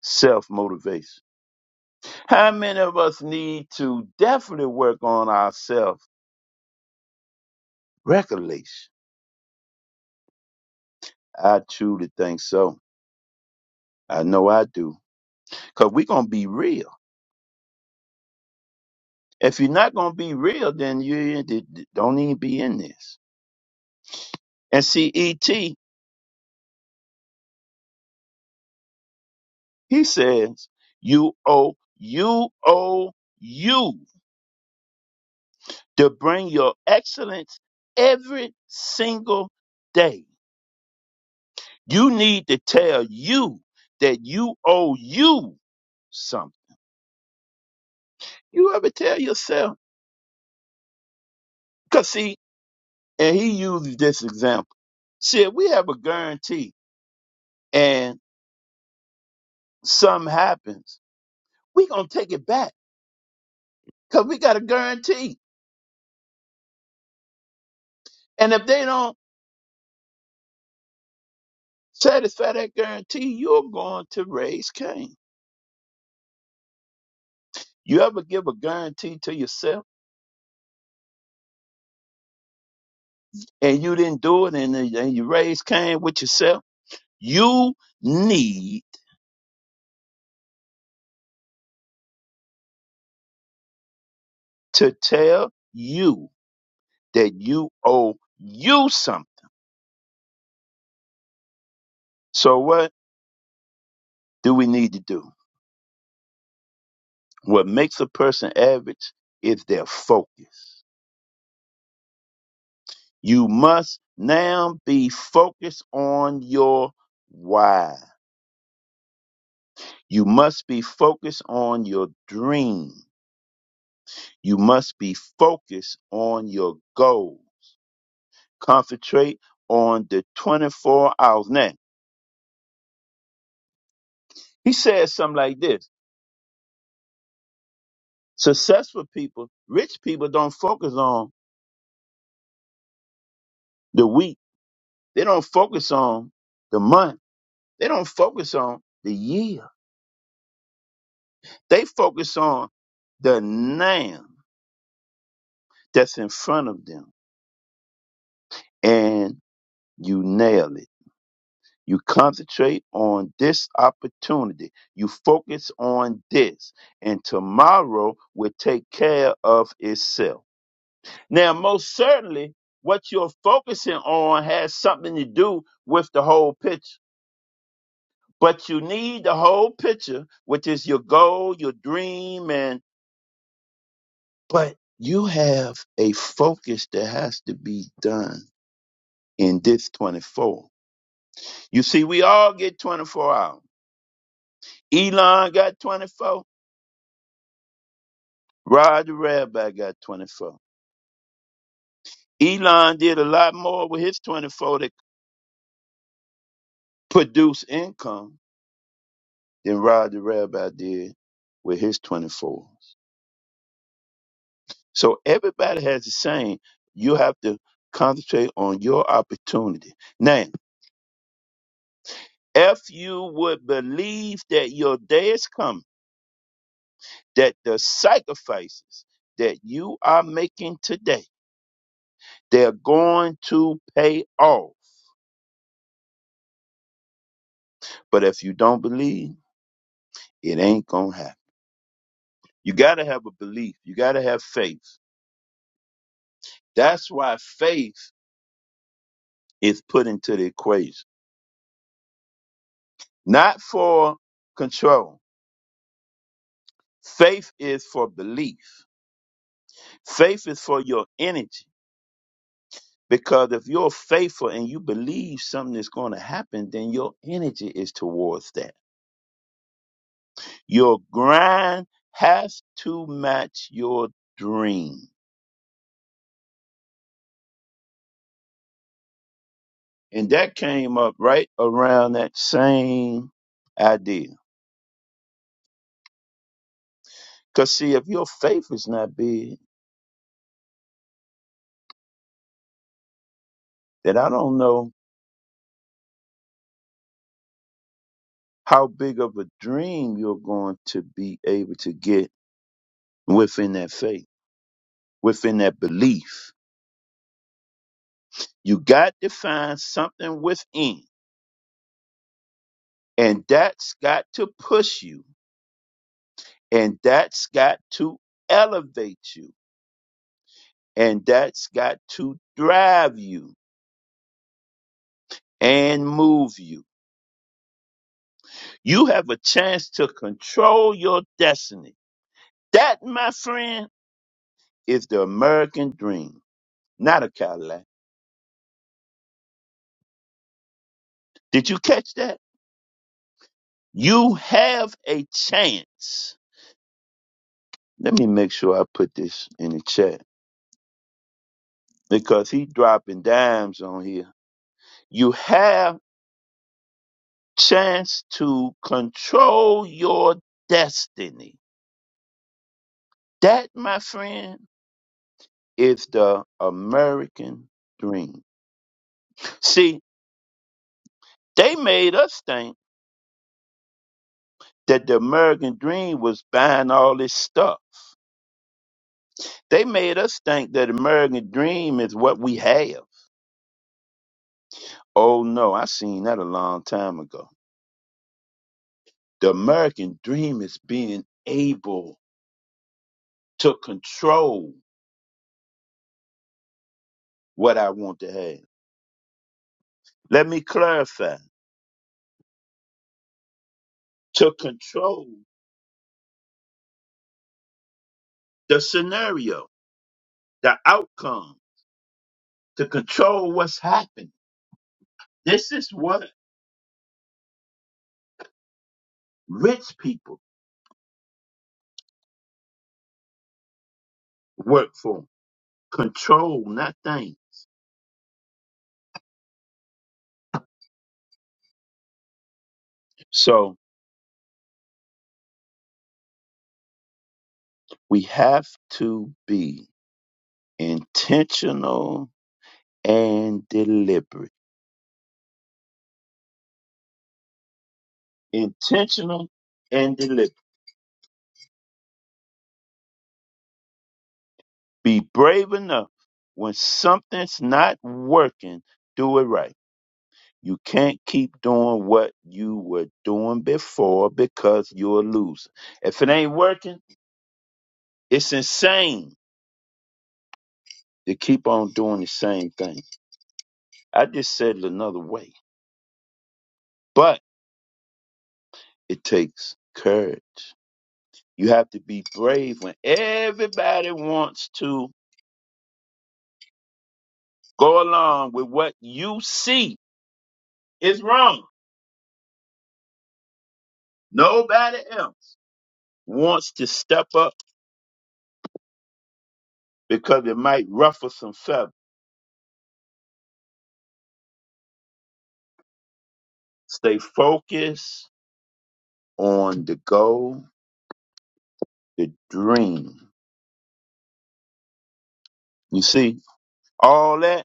[SPEAKER 3] self motivation? How many of us need to definitely work on ourselves regulation? I truly think so. I know I do. Because we're going to be real. If you're not going to be real, then you ain't- d- d- don't even be in this. And see, E.T., he says, you owe, you owe you to bring your excellence every single day. You need to tell you that you owe you something. You ever tell yourself? Because see, and he uses this example. See, if we have a guarantee and something happens, we gonna take it back because we got a guarantee. And if they don't satisfy that guarantee, you're going to raise Cain. You ever give a guarantee to yourself and you didn't do it and, then- and you raise Cain with yourself? You need to tell you that you owe you something. So what do we need to do? What makes a person average is their focus. You must now be focused on your why. You must be focused on your dream. You must be focused on your goal. Concentrate on the 24 hours. Now, he says something like this Successful people, rich people don't focus on the week, they don't focus on the month, they don't focus on the year They focus on the now that's in front of them and you nail it. You concentrate on this opportunity. You focus on this and tomorrow will take care of itself. Now, most certainly what you're focusing on has something to do with the whole picture, but you need the whole picture, which is your goal, your dream, and But you have a focus that has to be done in this 24. You see, we all get 24 hours. Elon got 24. Rod the Rabbi got 24. Elon did a lot more with his 24 that produced income than Rod the Rabbi did with his 24. So everybody has the same. You have to concentrate on your opportunity. Now, if you would believe that your day is coming, that the sacrifices that you are making today, they're going to pay off. But if you don't believe, it ain't going to happen. You got to have a belief. You got to have faith. That's why faith is put into the equation, not for control. Faith is for belief. Faith is for your energy. Because if you're faithful and you believe something is going to happen, then your energy is towards that. Your grind has to match your dream. And that came up right around that same idea. Because, see, if your faith is not big, then I don't know how big of a dream you're going to be able to get within that faith, within that belief. You got to find something within, and that's got to push you, and that's got to elevate you And that's got to drive you and move you. You have a chance to control your destiny. That, my friend, is the American dream, not a Cadillac. Did you catch that? You have a chance. Let me make sure I put this in the chat because he dropping dimes on here. You have chance to control your destiny. That, my friend, is the American dream. See, they made us think that the American dream was buying all this stuff. They made us think that American dream is what we have. Oh no, I seen that a long time ago. The American dream is being able to control what I want to have. Let me clarify. To control the scenario, the outcome, to control what's happening. This is what Rich people work for 'em, control not things. So we have to be intentional and deliberate. Intentional and deliberate. Be brave enough when something's not working, do it right. You can't keep doing what you were doing before because you're a loser. If it ain't working, it's insane to keep on doing the same thing. I just said it another way. But It takes courage. You have to be brave when everybody wants to go along with what you see is wrong. Nobody else wants to step up because it might ruffle some feathers. Stay focused on the goal, the dream. You see, all that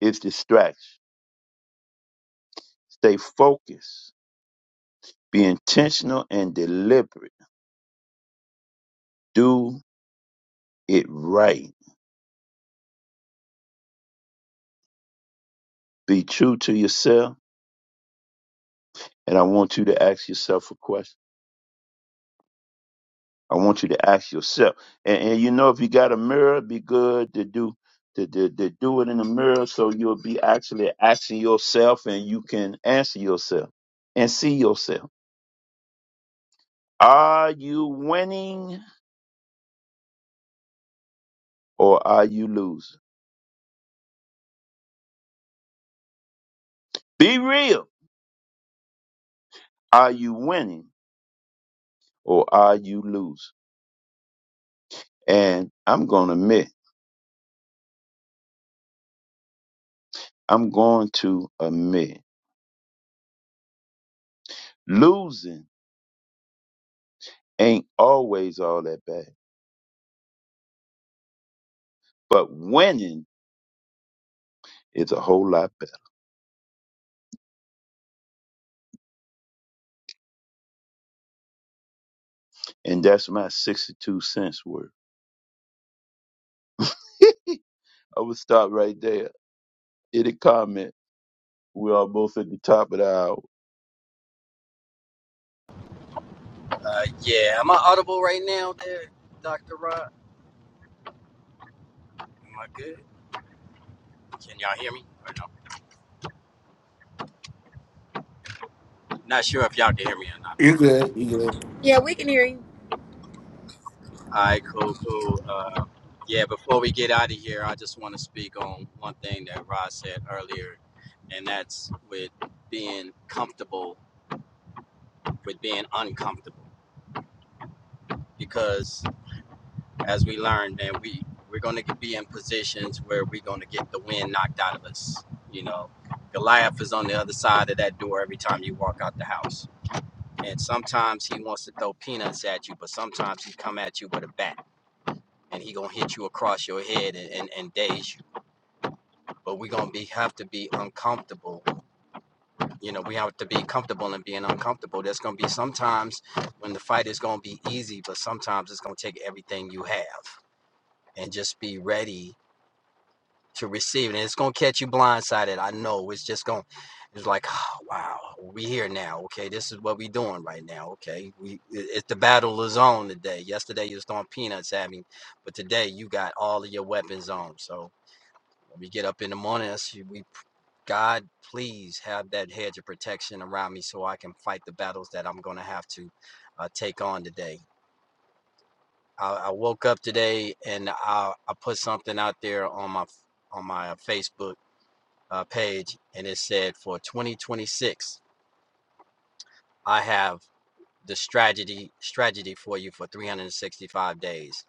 [SPEAKER 3] is distraction. Stay focused. Be intentional and deliberate. Do it right. Be true to yourself and I want you to ask yourself a question. I want you to ask yourself, and, and you know, if you got a mirror, it'd be good to do to, to, to do it in the mirror, so you'll be actually asking yourself, and you can answer yourself and see yourself. Are you winning or are you losing? Be real. Are you winning or are you losing? And I'm gonna admit, I'm going to admit, losing ain't always all that bad, but winning It's a whole lot better. And that's my 62 cents worth. I would stop right there. Any comment? We are both at the top of the hour.
[SPEAKER 8] Uh, yeah, am I audible right now, there, Doctor Rod? Am I good? Can y'all hear me? Or no? Not sure if y'all can hear me or not.
[SPEAKER 9] You good? You good?
[SPEAKER 7] Yeah, we can hear you.
[SPEAKER 8] All right, cool, cool. Uh, yeah, before we get out of here, I just want to speak on one thing that Rod said earlier, and that's with being comfortable with being uncomfortable. Because as we learn, man, we we're gonna be in positions where we're gonna get the wind knocked out of us. You know, Goliath is on the other side of that door every time you walk out the house and sometimes he wants to throw peanuts at you, but sometimes he come at you with a bat and he gonna hit you across your head and, and, and daze you. But we gonna be have to be uncomfortable. You know, we have to be comfortable in being uncomfortable. There's gonna be sometimes when the fight is gonna be easy, but sometimes it's gonna take everything you have. And just be ready to receive it. And it's gonna catch you blindsided. I know. It's just gonna. It's like, oh, wow, we here now. Okay, this is what we doing right now. Okay, we it, it's the battle is on today. Yesterday you was throwing peanuts at me, but today you got all of your weapons on. So when we get up in the morning, that's- we God, please have that hedge of protection around me so I can fight the battles that I'm gonna have to uh, take on today. I, I woke up today and I, I put something out there on my on my uh, Facebook uh, page, and it said for 2026, I have the strategy strategy for you for 365 days,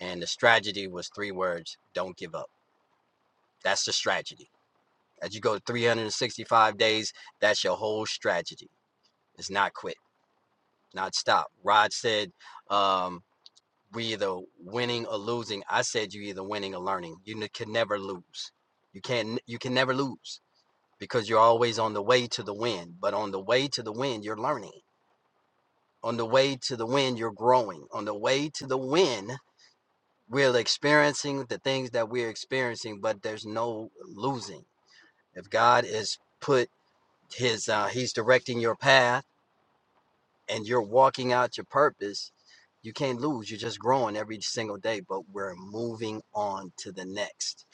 [SPEAKER 8] and the strategy was three words: don't give up. That's the strategy. As you go 365 days, that's your whole strategy. It's not quit, not stop. Rod said, um, "We either winning or losing." I said, "You either winning or learning. You can never lose. You can you can never lose." Because you're always on the way to the win, but on the way to the win, you're learning On the way to the win, you're growing. On the way to the win, we're experiencing the things that we're experiencing, but there's no losing. If God is put his, uh, he's directing your path and you're walking out your purpose, you can't lose. You're just growing every single day, but we're moving on to the next.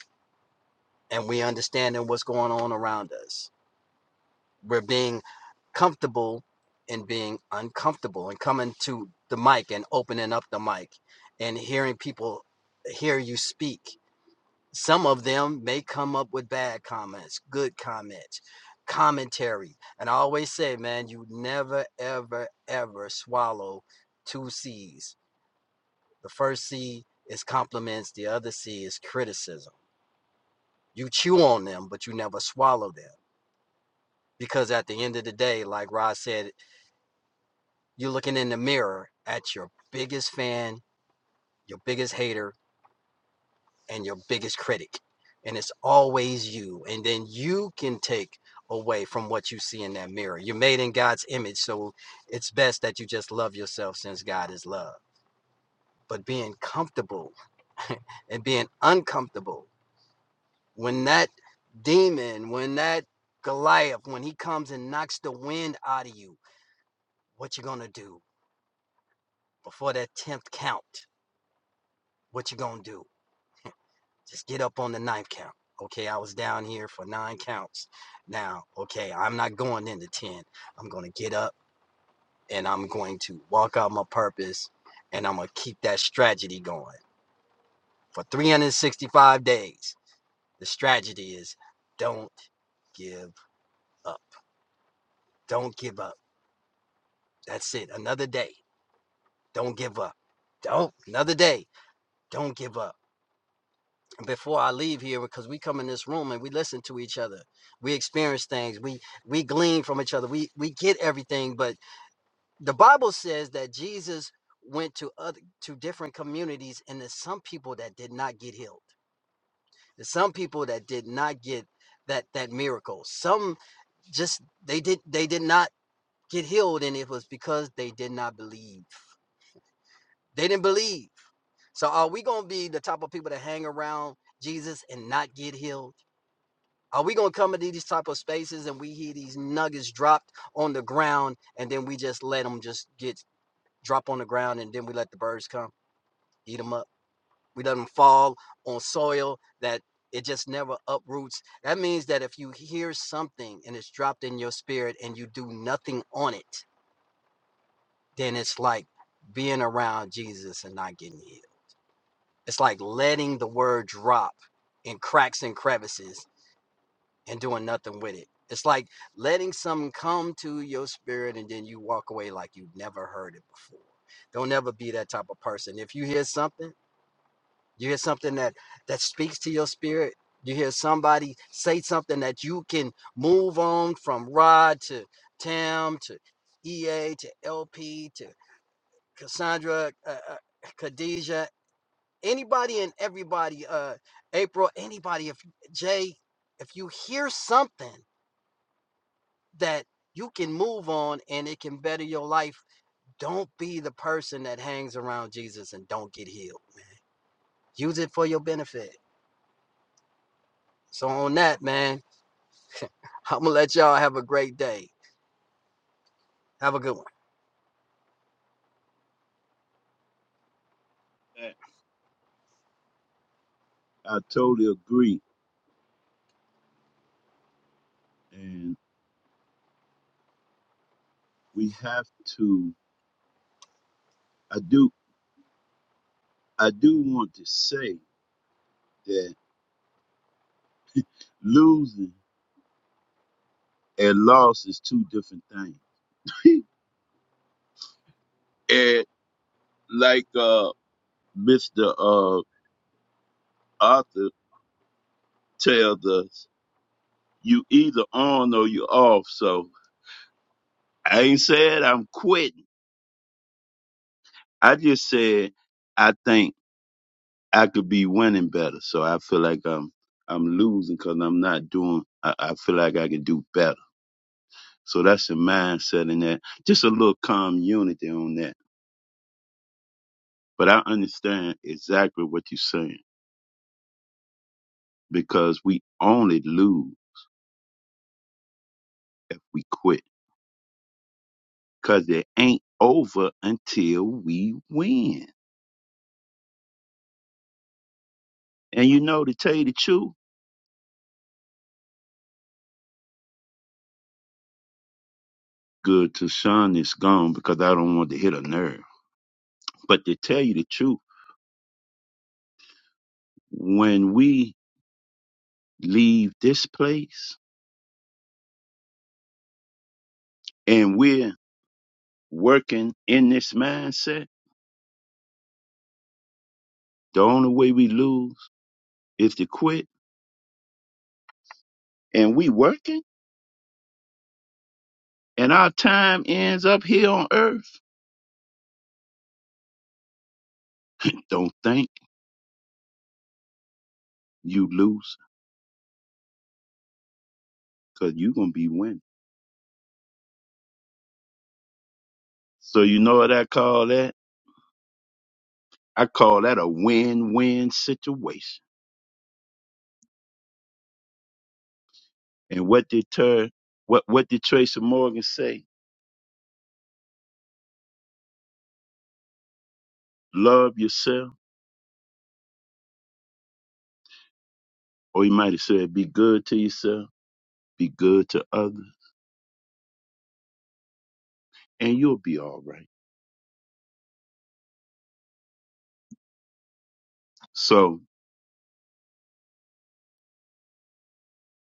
[SPEAKER 8] And we understanding what's going on around us We're being comfortable in being uncomfortable and coming to the mic and opening up the mic and hearing people hear you speak. Some of them may come up with bad comments, good comments, commentary. And I always say, man, you never, ever, ever swallow two C's. The first C is compliments, the other C is criticism. You chew on them, but you never swallow them. Because at the end of the day, like Rod said You're looking in the mirror at your biggest fan, your biggest hater, and your biggest critic. And it's always you. And then you can take away from what you see in that mirror. You're made in God's image. So it's best that you just love yourself since God is love. But being comfortable and being uncomfortable when that demon, when that Goliath, when he comes and knocks the wind out of you, what you gonna do before that tenth count? What you gonna do? Just get up on the ninth count. Okay, I was down here for nine counts. Now, okay, I'm not going into 10. I'm going to get up and I'm going to walk out my purpose and I'm going to keep that strategy going for 365 days. The strategy is don't give up. Don't give up. That's it. Another day. Don't give up. Don't. Another day. Don't give up before I leave here because we come in this room and we listen to each other. We experience things. We we glean from each other. We we get everything, but the Bible says that Jesus went to other to different communities and there's some people that did not get healed. There's some people that did not get that that miracle. Some just they did they did not get healed and it was because they did not believe. They didn't believe. So are we going to be the type of people that hang around Jesus and not get healed? Are we gonna come into these type of spaces and we hear these nuggets dropped on the ground and then we just let them just get drop on the ground and then we let the birds come eat them up? We let them fall on soil that it just never uproots. That means that if you hear something and it's dropped in your spirit and you do nothing on it, then it's like being around Jesus and not getting healed. It's like letting the word drop in cracks and crevices and doing nothing with it. It's like letting something come to your spirit and then you walk away like you've never heard it before. Don't ever be that type of person. If you hear something, you hear something that that speaks to your spirit. You hear somebody say something that you can move on from Rod to Tam to EA to LP to Cassandra, uh, uh, Khadijah, anybody and everybody, uh, April, anybody. If Jay, if you hear something that you can move on and it can better your life. Don't be the person that hangs around Jesus and don't get healed. Use it for your benefit. So on that, man, I'm gonna let y'all have a great day. Have a good one.
[SPEAKER 3] I I totally agree. And we have to, I do, I do want to say that losing and loss is two different things. and like, uh, Mr. Uh, Arthur tells us, you either on or you off. So I ain't said I'm quitting I just said I think I could be winning better, so I feel like I'm I'm losing because I'm not doing. I, I feel like I can do better. So that's the mindset in that. Just a little calm unity on that. But I understand exactly what you're saying because we only lose if we quit because it ain't over until we win. And you know, to tell you the truth, good to Sean is gone because I don't want to hit a nerve. But to tell you the truth, when we leave this place and we're working in this mindset, the only way we lose is to quit. And we working and our time ends up here on earth. Don't think you lose because you're going to be winning. So you know what I call that? I call that a win-win situation. And what did Ter, what, what did Tracy Morgan say? Love yourself. Or he might have said, be good to yourself, be good to others, and you'll be all right. So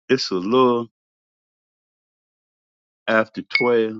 [SPEAKER 3] It's a little after 12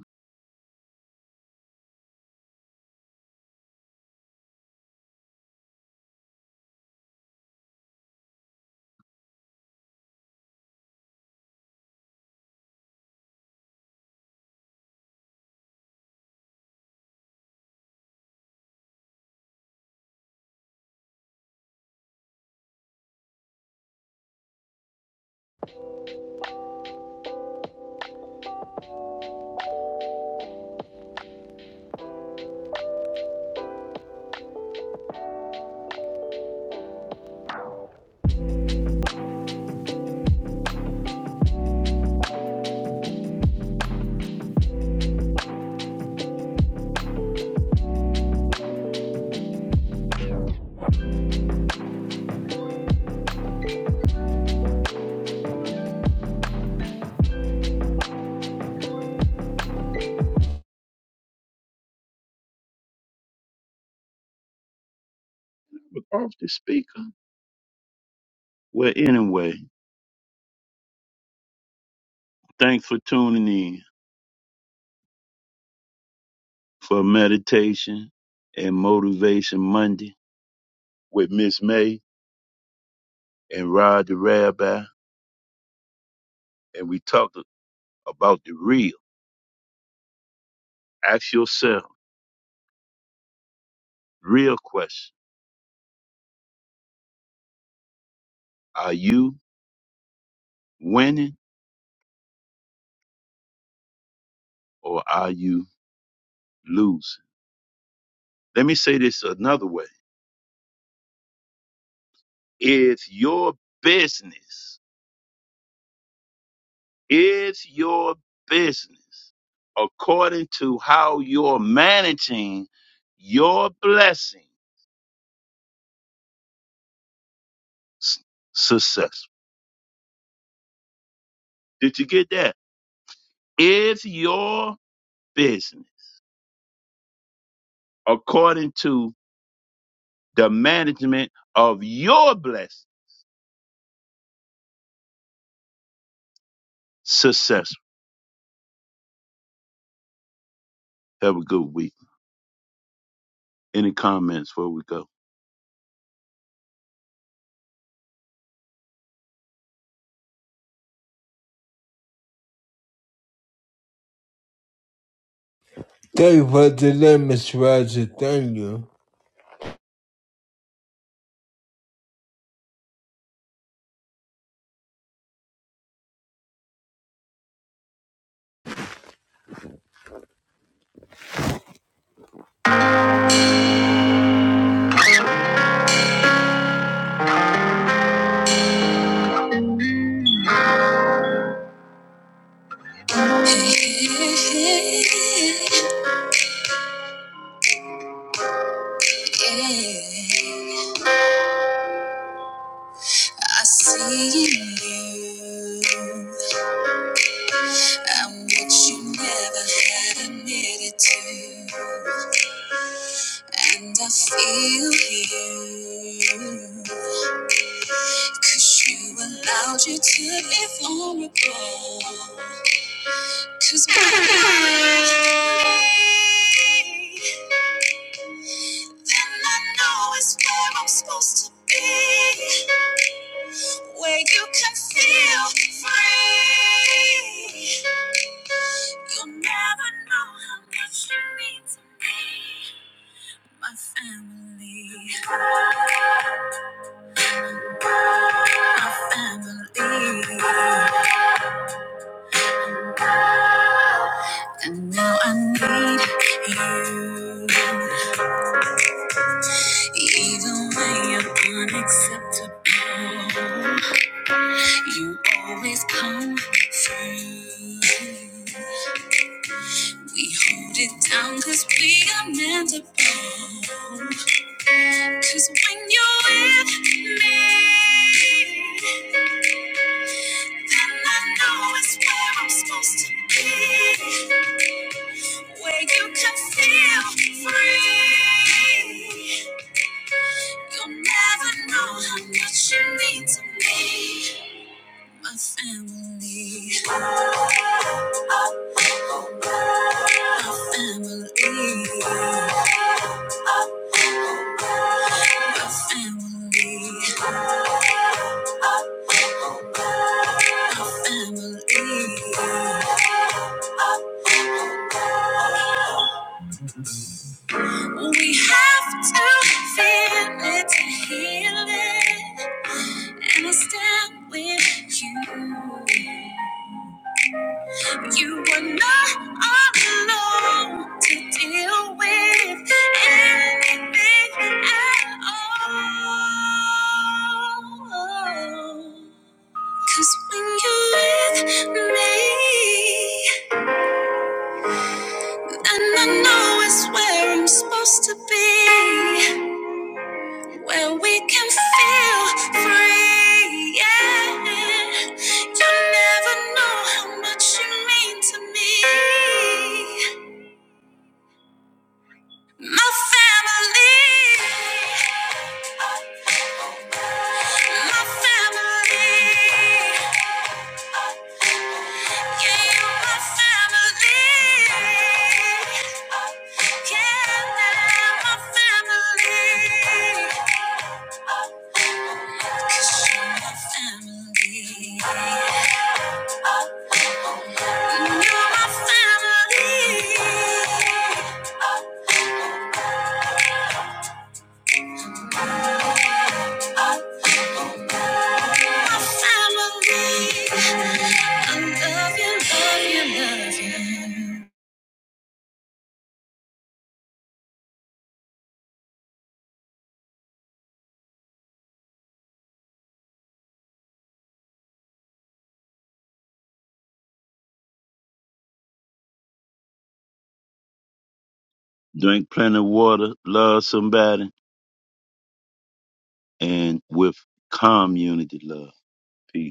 [SPEAKER 3] but off the speaker. Well, anyway, thanks for tuning in for Meditation and Motivation Monday with Miss May and Rod the Rabbi. And we talked about the real. Ask yourself, real question. Are you winning or are you losing? Let me say this another way. Is your business It's your business according to how you're managing your blessings, successful. Did you get that? It's your business according to the management of your blessing successful. Have a good week. Any comments before we go?
[SPEAKER 2] Thank you for today, Mr. Roger. Thank you. I see in you I'm what you never had admitted to, and I feel you 'cause you allowed you to be vulnerable. Cause baby, then I know it's where I'm supposed to be. where you can feel free. You'll never know how much I need. Now I need you. Even when you're unacceptable, you always come through. We hold it down 'cause we are meant to blow. 'Cause when you're with me, then I know it's where I'm supposed to be. where you can feel free. You'll never know how much you mean to me. A family, a family, family. We have to feel it to heal it, and I stand with you. You were not alone to deal with anything at all. Cause when you're with me, and I know it's where I'm supposed to be, where we can feel free. Yeah, you never know how much you mean to me. My family. My family. Yeah, my family. My family. family, You're my family. Family. I love you, love you, love you.
[SPEAKER 3] Drink plenty of water, love somebody, and with community love. Peace.